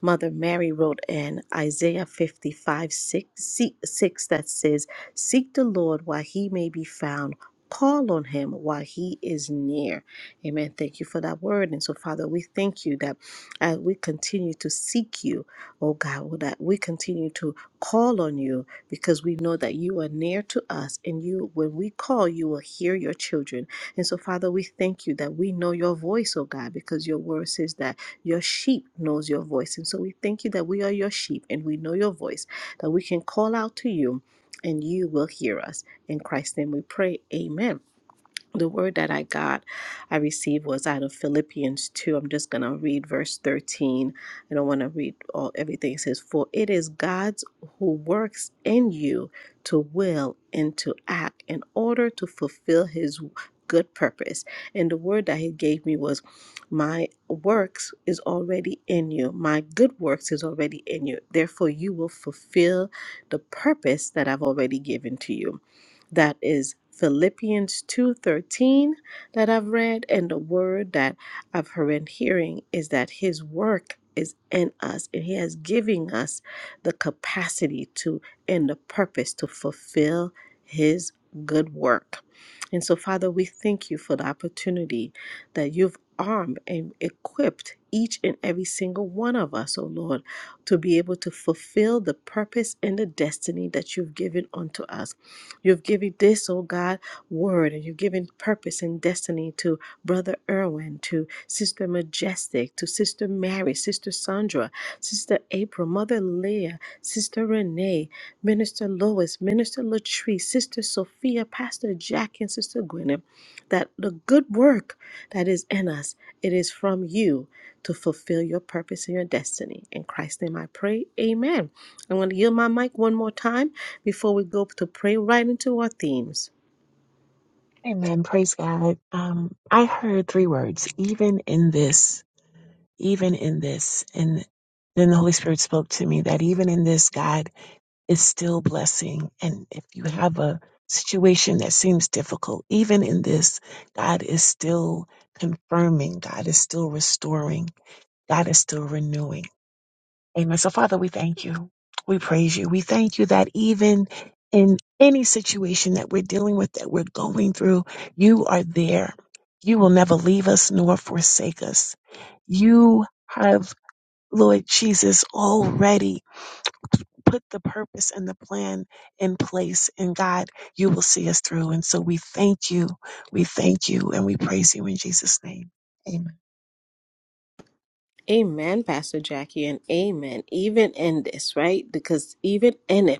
Mother Mary wrote in Isaiah 55 6, se- 6 that says, Seek the Lord while he may be found, call on him while he is near. Amen. Thank you for that word. And so, Father, we thank you that as we continue to seek you, oh God, well, that we continue to call on you because we know that you are near to us and you, when we call, you will hear your children. And so, Father, we thank you that we know your voice, oh God, because your word says that your sheep knows your voice. And so we thank you that we are your sheep and we know your voice, that we can call out to you and you will hear us. In Christ's name we pray. Amen the word that I got, I received was out of Philippians 2. I'm just going to read verse 13. I don't want to read all everything. It says, For it is God's who works in you to will and to act in order to fulfill his good purpose. And the word that he gave me was, My works is already in you. My good works is already in you. Therefore, you will fulfill the purpose that I've already given to you that is Philippians 2:13 that I've read and the word that I've heard and hearing is that his work is in us and he has given us the capacity to and the purpose to fulfill his good work. And so Father, we thank you for the opportunity that you've armed and equipped each and every single one of us, oh Lord, to be able to fulfill the purpose and the destiny that you've given unto us. You've given this, oh God, word, and you've given purpose and destiny to Brother Irwin, to Sister Majestic, to Sister Mary, Sister Sandra, Sister April, Mother Leah, Sister Renee, Minister Lois, Minister Latrice, Sister Sophia, Pastor Jack, and Sister Gwyneth, that the good work that is in us, it is from you to fulfill your purpose and your destiny. In Christ's name I pray, amen. I'm going to yield my mic one more time before we go to pray right into our themes.
Amen. Praise God. Um, I heard three words, even in this, even in this. And then the Holy Spirit spoke to me that even in this, God is still blessing. And if you have a situation that seems difficult, even in this, God is still confirming. God is still restoring. God is still renewing. Amen. So, Father, we thank you. We praise you. We thank you that even in any situation that we're dealing with, that we're going through, you are there. You will never leave us nor forsake us. You have, Lord Jesus, already put the purpose and the plan in place. And God, you will see us through. And so we thank you. We thank you and we praise you in Jesus' name. Amen.
Amen, Pastor Jackie, and amen. Even in this, right? Because even in it,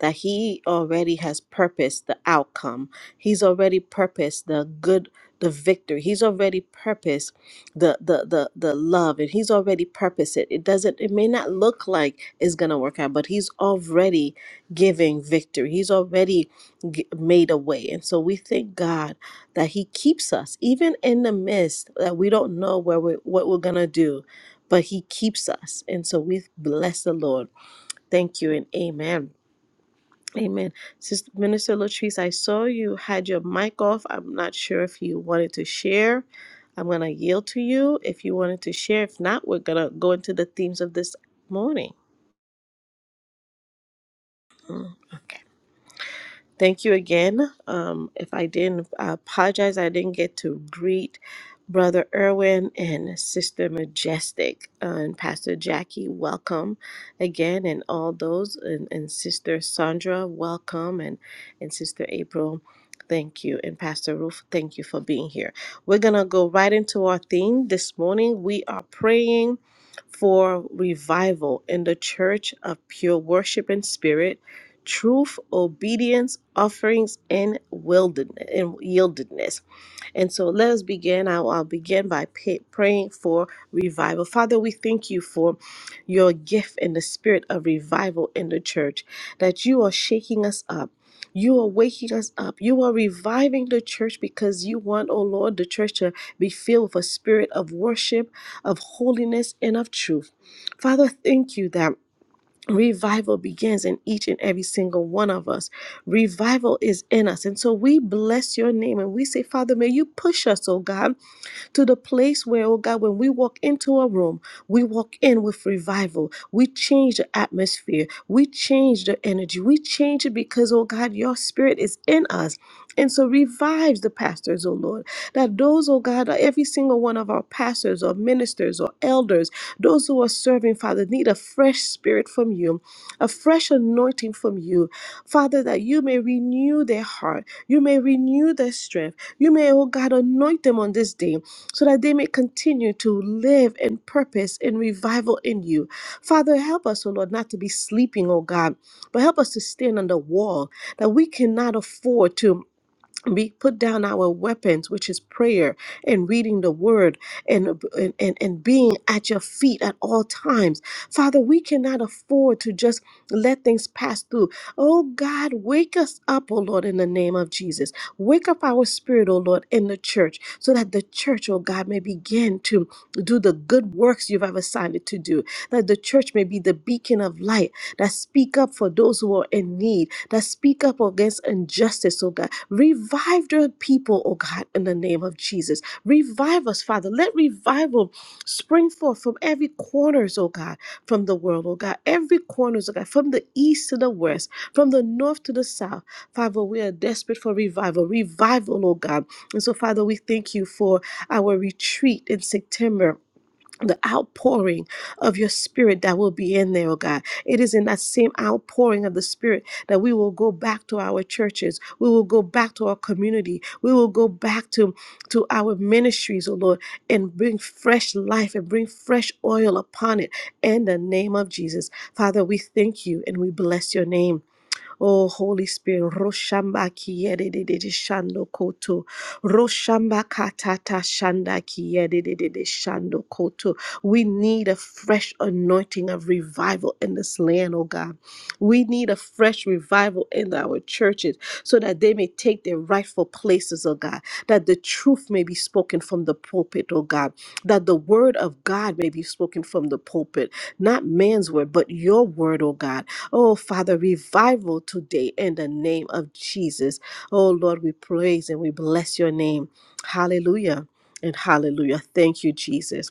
that he already has purposed the outcome he's already purposed the good the victory he's already purposed the the the, the love and he's already purposed it it doesn't it may not look like it's gonna work out but he's already giving victory he's already g- made a way and so we thank god that he keeps us even in the midst that we don't know where we what we're gonna do but he keeps us and so we bless the lord thank you and amen Amen. Sister Minister Latrice, I saw you had your mic off. I'm not sure if you wanted to share. I'm going to yield to you if you wanted to share. If not, we're going to go into the themes of this morning. Mm, Okay. Thank you again. Um, if I didn't, I apologize. I didn't get to greet Brother Irwin and Sister Majestic uh, and Pastor Jackie. Welcome again, and all those and, and Sister Sandra, welcome, and and Sister April. Thank you. And Pastor Ruth, thank you for being here. We're going to go right into our theme this morning. We are praying for revival in the church of pure worship and spirit truth, obedience, offerings, and wilderness and yieldedness. And so let us begin. I'll, I'll begin by pa- praying for revival. Father, we thank you for your gift and the spirit of revival in the church, that you are shaking us up. You are waking us up. You are reviving the church because you want, oh Lord, the church to be filled with a spirit of worship, of holiness, and of truth. Father, thank you that Revival begins in each and every single one of us. Revival is in us. And so we bless your name and we say, Father, may you push us, oh God to the place where, oh God, when we walk into a room, we walk in with revival. We change the atmosphere. We change the energy. We change it because, oh God, your spirit is in us. And so revives the pastors, oh Lord. That those, oh God, every single one of our pastors or ministers or elders, those who are serving, Father, need a fresh spirit from you, a fresh anointing from you. Father, that you may renew their heart. You may renew their strength. You may, oh God, anoint them on this day so that they may continue to live in purpose and revival in you. Father, help us, O Lord, not to be sleeping, O God, but help us to stand on the wall that we cannot afford to we put down our weapons which is prayer and reading the word and, and and and being at your feet at all times father we cannot afford to just let things pass through oh god wake us up oh lord in the name of jesus wake up our spirit oh lord in the church so that the church oh god may begin to do the good works you've ever assigned it to do that the church may be the beacon of light that speak up for those who are in need, that speak up against injustice, oh God. Revive the people, oh God, in the name of Jesus. Revive us, Father. Let revival spring forth from every corners, oh God, from the world, oh God. Every corners, oh God, from the east to the west, from the north to the south. Father, we are desperate for revival. Revival, oh God. And so, Father, we thank you for our retreat in September the outpouring of your spirit that will be in there, oh God. It is in that same outpouring of the spirit that we will go back to our churches. We will go back to our community. We will go back to, to our ministries, oh Lord, and bring fresh life and bring fresh oil upon it in the name of Jesus. Father, we thank you and we bless your name. Oh, Holy Spirit, Roshamba Kiede de Shando Koto, Roshamba Katata Shanda Kiede de Shando Koto. We need a fresh anointing of revival in this land, oh God. We need a fresh revival in our churches so that they may take their rightful places, oh God, that the truth may be spoken from the pulpit, oh God, that the word of God may be spoken from the pulpit, not man's word, but your word, oh God Oh, Father, revival today in the name of Jesus. Oh, Lord, we praise and we bless your name. Hallelujah and hallelujah. Thank you, Jesus.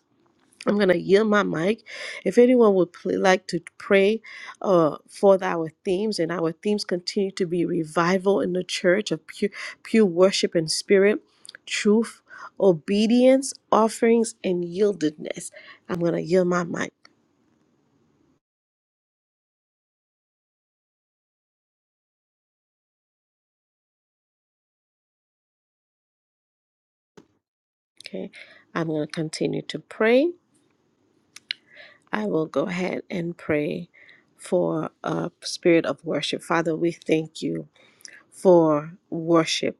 I'm going to yield my mic. If anyone would pl- like to pray uh, for our themes, and our themes continue to be revival in the church of pure, pure worship and spirit, truth, obedience, offerings, and yieldedness. I'm going to yield my mic. Okay. I'm going to continue to pray. I will go ahead and pray for a spirit of worship. Father, we thank you for worship.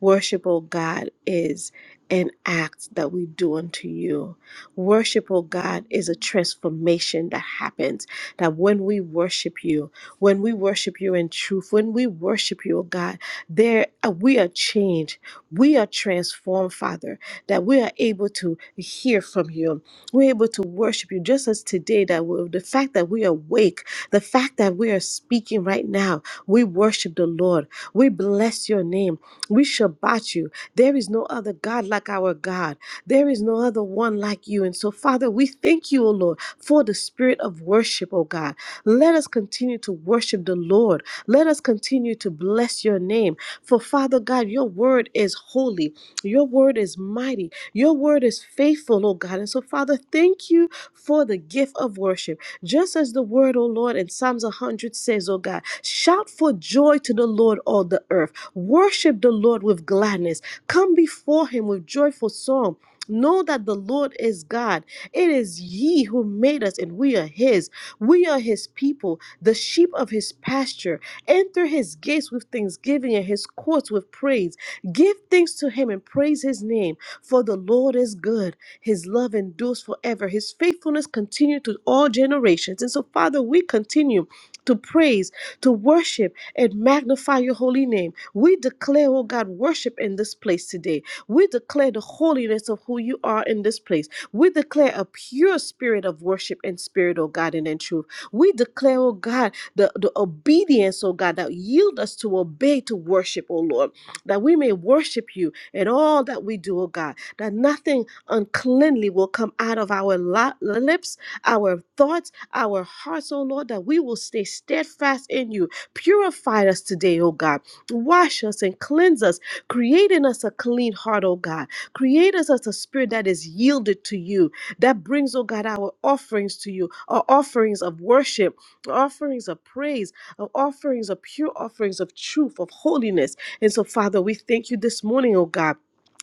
Worship, O God, is an act that we do unto you. Worship, O God, is a transformation that happens. That when we worship you, when we worship you in truth, when we worship you, O God, there uh, we are changed. We are transformed, Father, that we are able to hear from you. We're able to worship you just as today, that we, the fact that we are awake, the fact that we are speaking right now, we worship the Lord. We bless your name. We Shabbat you. There is no other God like our God. There is no other one like you. And so, Father, we thank you, O Lord, for the spirit of worship, O God. Let us continue to worship the Lord. Let us continue to bless your name. For, Father God, your word is holy. Your word is mighty. Your word is faithful, O God. And so, Father, thank you for the gift of worship. Just as the word, O Lord, in Psalms 100 says, O God, shout for joy to the Lord, all the earth. Worship the Lord with gladness. Come before him with joyful song. Know that the Lord is God. It is He who made us, and we are His. We are His people, the sheep of His pasture. Enter His gates with thanksgiving and His courts with praise. Give thanks to Him and praise His name, for the Lord is good. His love endures forever. His faithfulness continues to all generations. And so, Father, we continue to praise, to worship, and magnify your holy name. We declare, oh God, worship in this place today. We declare the holiness of who you are in this place. We declare a pure spirit of worship and spirit, oh God, and in truth. We declare, oh God, the, the obedience, oh God, that yield us to obey to worship, oh Lord, that we may worship you in all that we do, oh God, that nothing uncleanly will come out of our li- lips, our thoughts, our hearts, oh Lord, that we will stay steadfast in you. Purify us today, oh God. Wash us and cleanse us, create in us a clean heart, oh God. Create us as a spirit that is yielded to you, that brings, oh God, our offerings to you, our offerings of worship, offerings of praise, of offerings of pure offerings of truth, of holiness. And so, Father, we thank you this morning, oh God.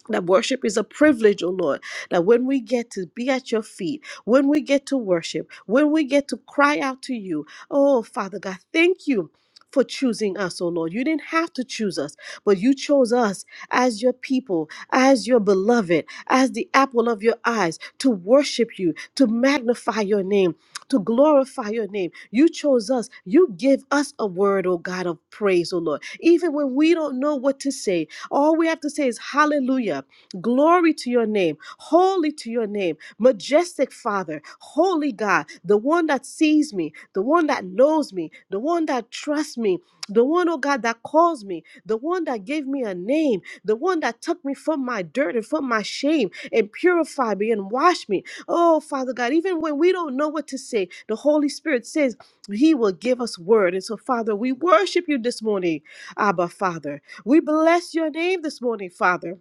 That worship is a privilege, oh Lord. That when we get to be at your feet, when we get to worship, when we get to cry out to you, oh Father God, thank you for choosing us, oh Lord. You didn't have to choose us, but you chose us as your people, as your beloved, as the apple of your eyes to worship you, to magnify your name, to glorify your name. You chose us. You give us a word, oh God, of praise, oh Lord. Even when we don't know what to say, all we have to say is hallelujah, glory to your name, holy to your name, majestic Father, holy God, the one that sees me, the one that knows me, the one that trusts me, the one, oh God, that calls me, the one that gave me a name, the one that took me from my dirt and from my shame and purified me and washed me. Oh, Father God, even when we don't know what to say, the Holy Spirit says He will give us word. And so, Father, we worship you this morning, Abba, Father. We bless your name this morning, Father.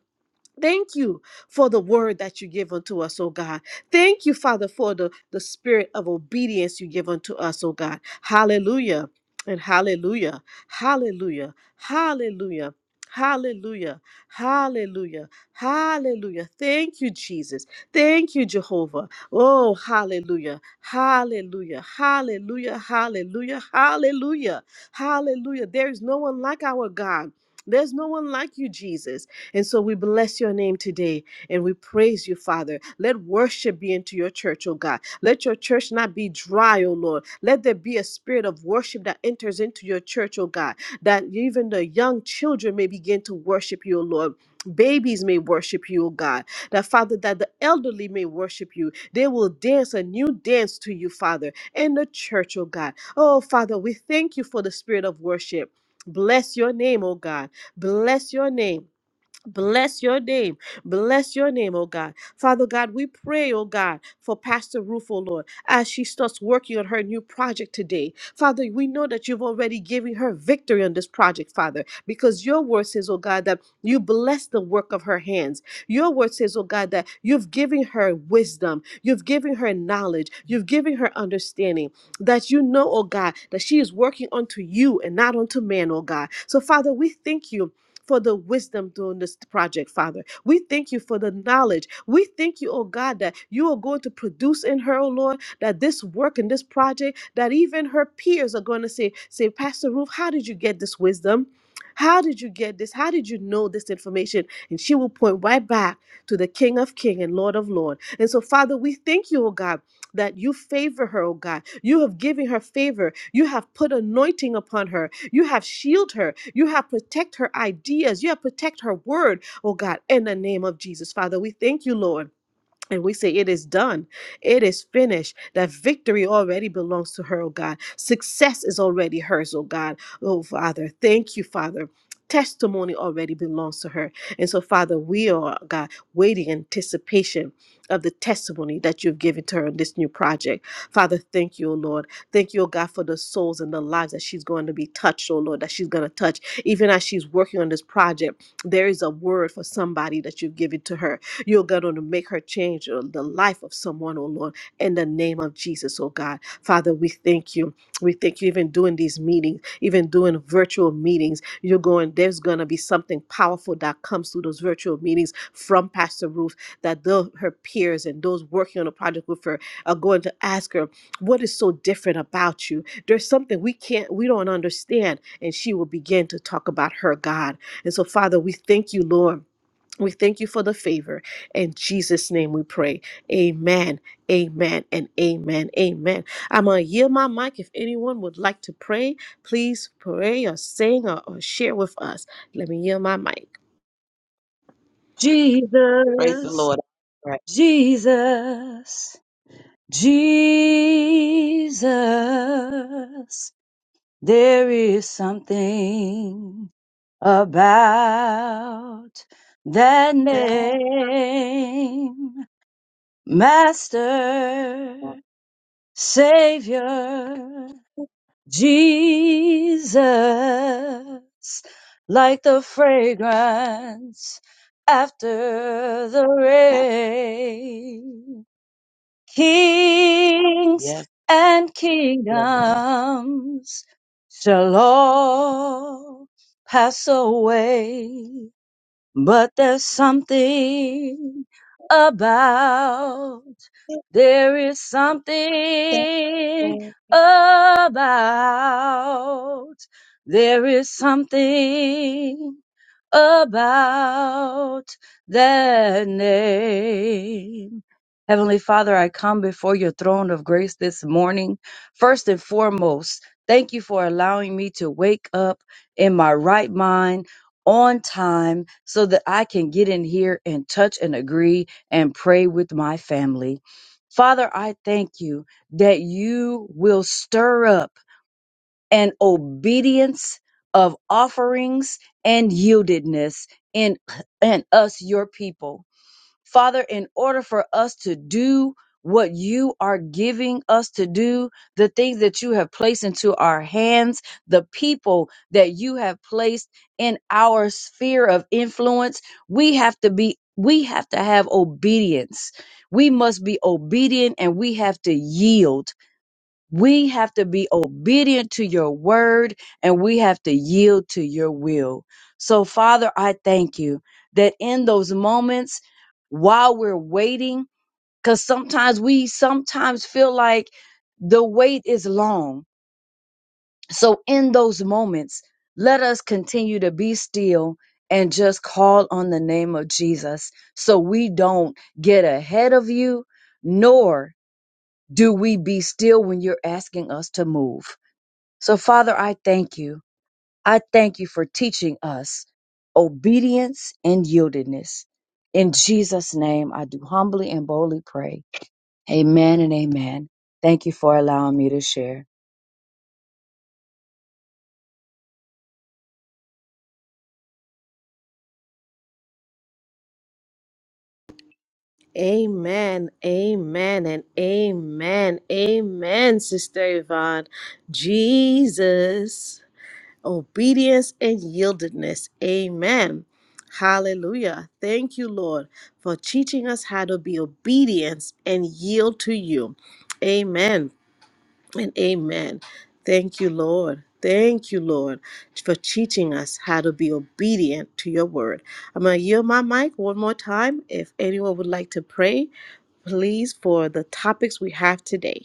Thank you for the word that you give unto us, oh God. Thank you, Father, for the, the spirit of obedience you give unto us, oh God. Hallelujah and hallelujah. Hallelujah. Hallelujah. Hallelujah. Hallelujah. Hallelujah. Thank you, Jesus. Thank you, Jehovah. Oh, hallelujah. Hallelujah. Hallelujah. Hallelujah. Hallelujah. Hallelujah. There is no one like our God. There's no one like you, Jesus. And so we bless your name today and we praise you, Father. Let worship be into your church, oh God. Let your church not be dry, oh Lord. Let there be a spirit of worship that enters into your church, oh God, that even the young children may begin to worship you, oh Lord. Babies may worship you, oh God. That Father, that the elderly may worship you. They will dance a new dance to you, Father, in the church, oh God. Oh Father, we thank you for the spirit of worship. Bless your name, oh God. Bless your name. Bless your name. Bless your name, oh God. Father God, we pray, oh God, for Pastor Ruth, oh Lord, as she starts working on her new project today. Father, we know that you've already given her victory on this project, Father, because your word says, oh God, that you bless the work of her hands. Your word says, oh God, that you've given her wisdom, you've given her knowledge, you've given her understanding, that you know, oh God, that she is working unto you and not unto man, oh God. So, Father, we thank you for the wisdom during this project, Father. We thank you for the knowledge. We thank you, oh God, that you are going to produce in her, oh Lord, that this work and this project, that even her peers are going to say, say, Pastor Ruth, how did you get this wisdom? How did you get this? How did you know this information? And she will point right back to the King of King and Lord of Lord. And so, Father, we thank you, oh God, that you favor her, oh God. You have given her favor. You have put anointing upon her you have shielded her. You have protected her ideas. You have protected her word, oh God, in the name of Jesus. Father, we thank you, Lord. And we say, It is done. It is finished. That victory already belongs to her, oh God. Success is already hers, oh God. Oh, Father. Thank you, Father. Testimony already belongs to her. And so, Father, we are, God, waiting in anticipation of the testimony that you've given to her in this new project. Father, thank you, oh Lord. Thank you, oh God, for the souls and the lives that she's going to be touched, oh Lord, that she's going to touch. Even as she's working on this project, there is a word for somebody that you've given to her you're going to make her change uh, the life of someone, oh Lord, in the name of Jesus, oh God. Father, we thank you. We thank you even doing these meetings, even doing virtual meetings. You're going, there's going to be something powerful that comes through those virtual meetings from Pastor Ruth that the, her peers and those working on a project with her are going to ask her, What is so different about you? There's something we can't, we don't understand. And she will begin to talk about her God. And so, Father, we thank you, Lord we thank you for the favor. In Jesus' name we pray. Amen. Amen and amen. Amen. I'm going to yield my mic. If anyone would like to pray, please pray or sing or, or share with us. Let me yield my mic.
Jesus, Jesus, Jesus. There is something about that name, Master, Savior. Jesus, like the fragrance after the rain. Kings and kingdoms shall all pass away, but there's something about there is something about. There is something about that name. Heavenly Father, I come before your throne of grace this morning. First and foremost, thank you for allowing me to wake up in my right mind on time so that I can get in here and touch and agree and pray with my family. Father, I thank you that you will stir up and obedience of offerings and yieldedness in and us your people father in order for us to do what you are giving us to do the things that you have placed into our hands the people that you have placed in our sphere of influence we have to be we have to have obedience we must be obedient and we have to yield we have to be obedient to your word and we have to yield to your will. So, Father, I thank you that in those moments while we're waiting, because sometimes we sometimes feel like the wait is long. So, in those moments, let us continue to be still and just call on the name of Jesus so we don't get ahead of you, nor do we be still when you're asking us to move. So, Father, I thank you. I thank you for teaching us obedience and yieldedness. In Jesus' name, I do humbly and boldly pray. Amen and amen. Thank you for allowing me to share.
Amen. Amen and amen. Amen, Sister Yvonne. Jesus. obedience and yieldedness. Amen. Hallelujah. Thank you, Lord, for teaching us how to be obedient and yield to you. Amen and amen. Thank you, Lord. Thank you, Lord, for teaching us how to be obedient to your word. I'm going to yield my mic one more time. If anyone would like to pray, please, for the topics we have today.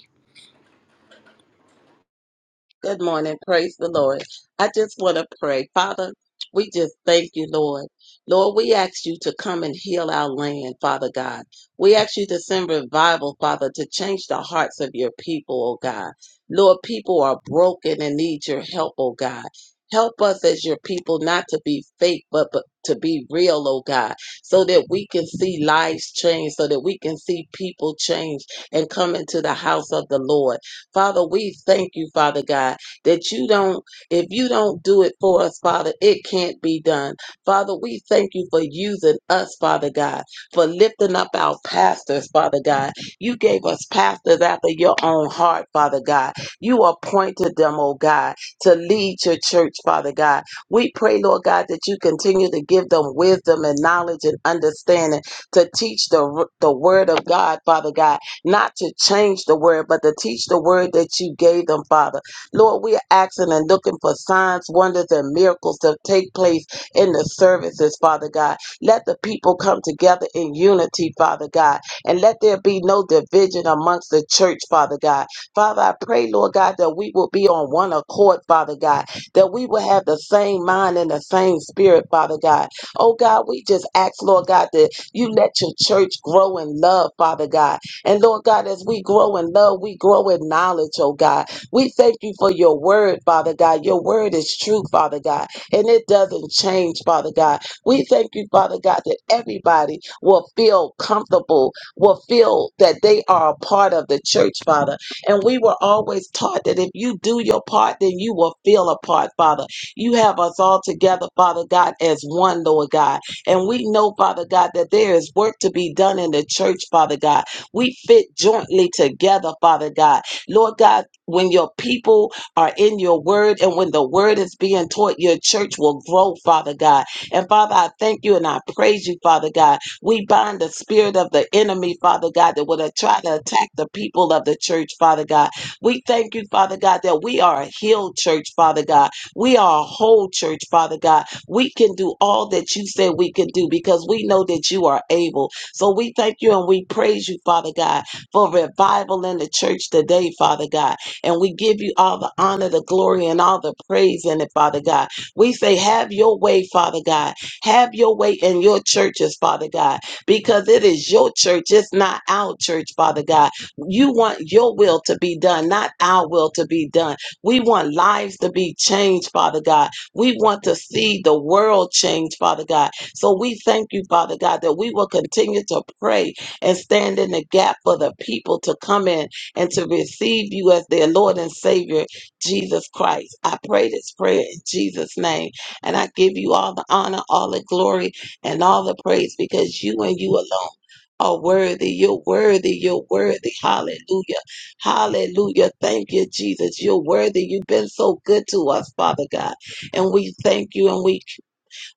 that you don't, if you don't do it for us, Father, it can't be done. Father, we thank you for using us. Father God, for lifting up our pastors, Father God. You gave us pastors after your own heart, Father God. You appointed them, oh God, to lead your church, Father God. We pray, Lord God, that you continue to give them wisdom and knowledge and understanding to teach the, the word of God, Father God, not to change the word, but to teach the word that you gave them, Father. Lord, we are asking and looking for signs, wonders, and miracles to take place in the services, Father God. Let the people come together in unity, Father God, and let there be no division amongst the church, Father God. Father, I pray, Lord God, that we will be on one accord, Father God, that we will have the same mind and the same spirit, Father God. Oh God, we just ask, Lord God, that you let your church grow in love, Father God. And Lord God, as we grow in love, we grow in knowledge, oh God. We thank you for your word, Father God. Your word is true, Father God, and it doesn't change, Father God. We thank you, Father God, that everybody will feel comfortable, will feel that they are a part of the church, Father. And we were always taught that if you do your part, then you will feel a part, Father. You have us all together, Father God, as one, Lord God. And we know, Father God, that there is work to be done in the church, Father God. We fit jointly together, Father God. Lord God, when your people are in your word and when the word is being taught, your church will grow, Father God and Father, I thank you and I praise you, Father God. We bind the spirit of the enemy, Father God, that would have tried to attack the people of the church, Father God. We thank you, Father God, that we are a healed church, Father God. We are a whole church, Father God. We can do all that you said we can do because we know that you are able. So we thank you and we praise you, Father God, for revival in the church today, Father God. And we give you all the honor, the glory, and all the praise in it, Father God. We say, have your way, Father God. Have your way in your churches, Father God, because it is your church. It's not our church, Father God. You want your will to be done, not our will to be done. We want lives to be changed, Father God. We want to see the world change, Father God. So we thank you, Father God, that we will continue to pray and stand in the gap for the people to come in and to receive you as their Lord and Savior Jesus Christ. I pray this prayer in Jesus' name. And I give you all the honor, all the glory, and all the praise because you and you alone are worthy. You're worthy. You're worthy. Hallelujah. Hallelujah. Thank you, Jesus. You're worthy. You've been so good to us, Father God. And we thank you and we,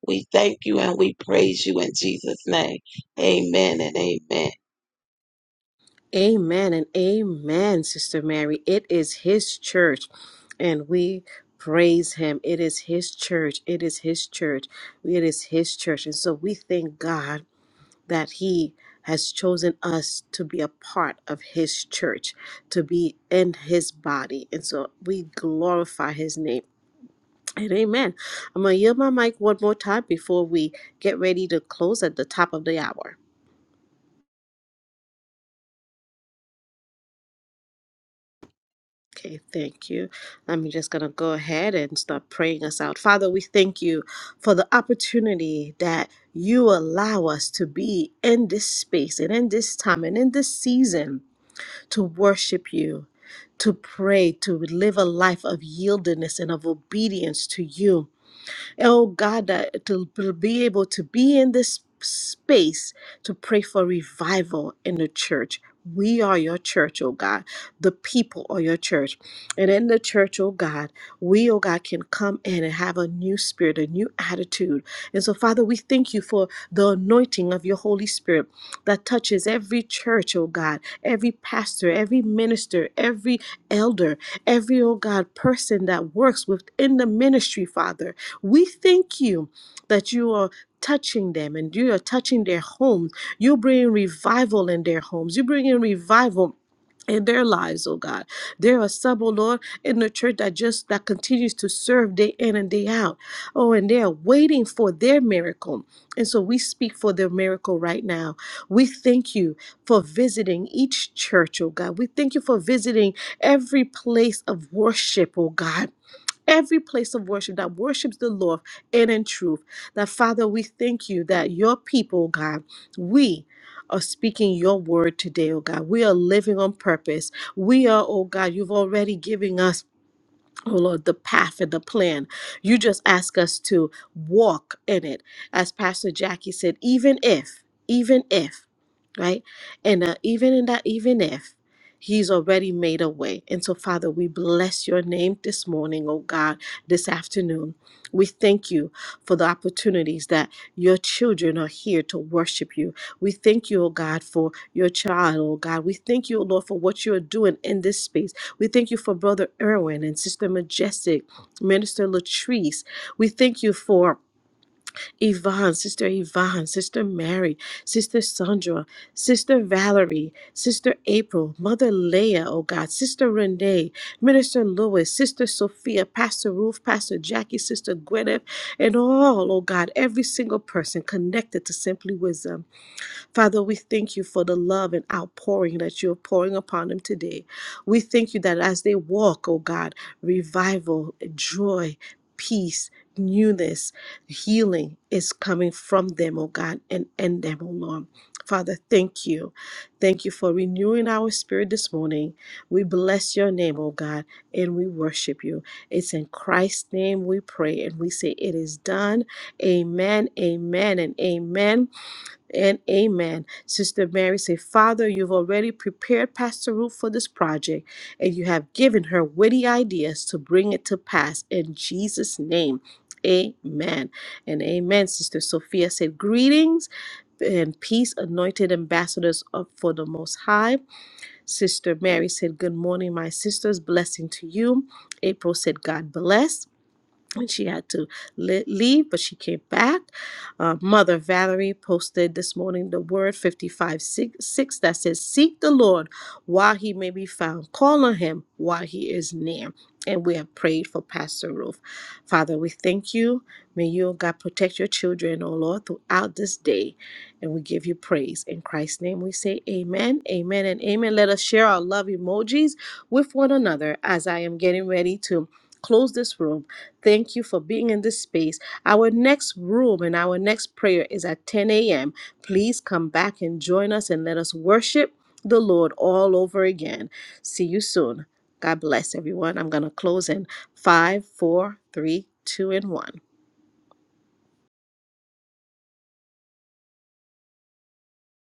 we thank you and we praise you in Jesus' name. Amen and amen.
Amen and amen, Sister Mary. It is His church, and we praise Him. It is His church. It is His church. It is His church. And so we thank God that He has chosen us to be a part of His church, to be in His body. And so we glorify His name. And amen. I'm going to yield my mic one more time before we get ready to close at the top of the hour. Okay, thank you. I'm just going to go ahead and start praying us out. Father, we thank you for the opportunity that you allow us to be in this space and in this time and in this season to worship you, to pray, to live a life of yieldedness and of obedience to you. Oh God, that to be able to be in this space to pray for revival in the church. We are your church, oh God. The people are your church. And in the church, oh God, we, oh God, can come in and have a new spirit, a new attitude. And so, Father, we thank you for the anointing of your Holy Spirit that touches every church, oh God, every pastor, every minister, every elder, every, oh God, person that works within the ministry, Father. We thank you that you are touching them and you are touching their homes. you bring revival in their homes. you bring in revival in their lives, oh God. There are some, oh Lord, in the church that just that continues to serve day in and day out. Oh, and they are waiting for their miracle. And so we speak for their miracle right now. We thank you for visiting each church, oh God. We thank you for visiting every place of worship, oh God every place of worship that worships the Lord and in truth. That Father, we thank you that your people, oh God, we are speaking your word today, oh God. We are living on purpose. We are, oh God, you've already given us. Oh Lord, the path and the plan. You just ask us to walk in it. As Pastor Jackie said, even if, even if, right? And uh, even in that, even if, He's already made a way. And so, Father, we bless your name this morning, oh God, this afternoon. We thank you for the opportunities that your children are here to worship you. We thank you, oh God, for your child, oh God. We thank you, oh Lord, for what you're doing in this space. We thank you for Brother Irwin and Sister Majestic, Minister Latrice. We thank you for Yvonne, Sister Yvonne, Sister Mary, Sister Sandra, Sister Valerie, Sister April, Mother Leah, oh God, Sister Renee, Minister Lewis, Sister Sophia, Pastor Ruth, Pastor Jackie, Sister Gwyneth, and all, oh God, every single person connected to Simply Wisdom. Father, we thank you for the love and outpouring that you're pouring upon them today. We thank you that as they walk, oh God, revival, joy, peace, newness, healing is coming from them, oh God, and in them, oh Lord. Father, thank you. Thank you for renewing our spirit this morning. We bless your name, oh God, and we worship you. It's in Christ's name we pray and we say, It is done. Amen, amen, and amen. And amen. Sister Mary said, Father, you've already prepared Pastor Ruth for this project, and you have given her witty ideas to bring it to pass in Jesus' name. Amen. And amen. Sister Sophia said, Greetings and peace, anointed ambassadors of for the Most High. Sister Mary said, Good morning, my sisters. Blessing to you. April said, God bless and she had to le- leave, but she came back. Uh, Mother Valerie posted this morning the word 55 6, that says, Seek the Lord while he may be found, call on him while he is near. And we have prayed for Pastor Ruth. Father, we thank you. May you, oh God, protect your children, oh Lord, throughout this day. And we give you praise. In Christ's name, we say amen, amen, and amen. Let us share our love emojis with one another as I am getting ready to close this room. Thank you for being in this space. Our next room and our next prayer is at 10 a.m. Please come back and join us and let us worship the Lord all over again. See you soon. God bless everyone. I'm going to close in five, four, three, two, and one.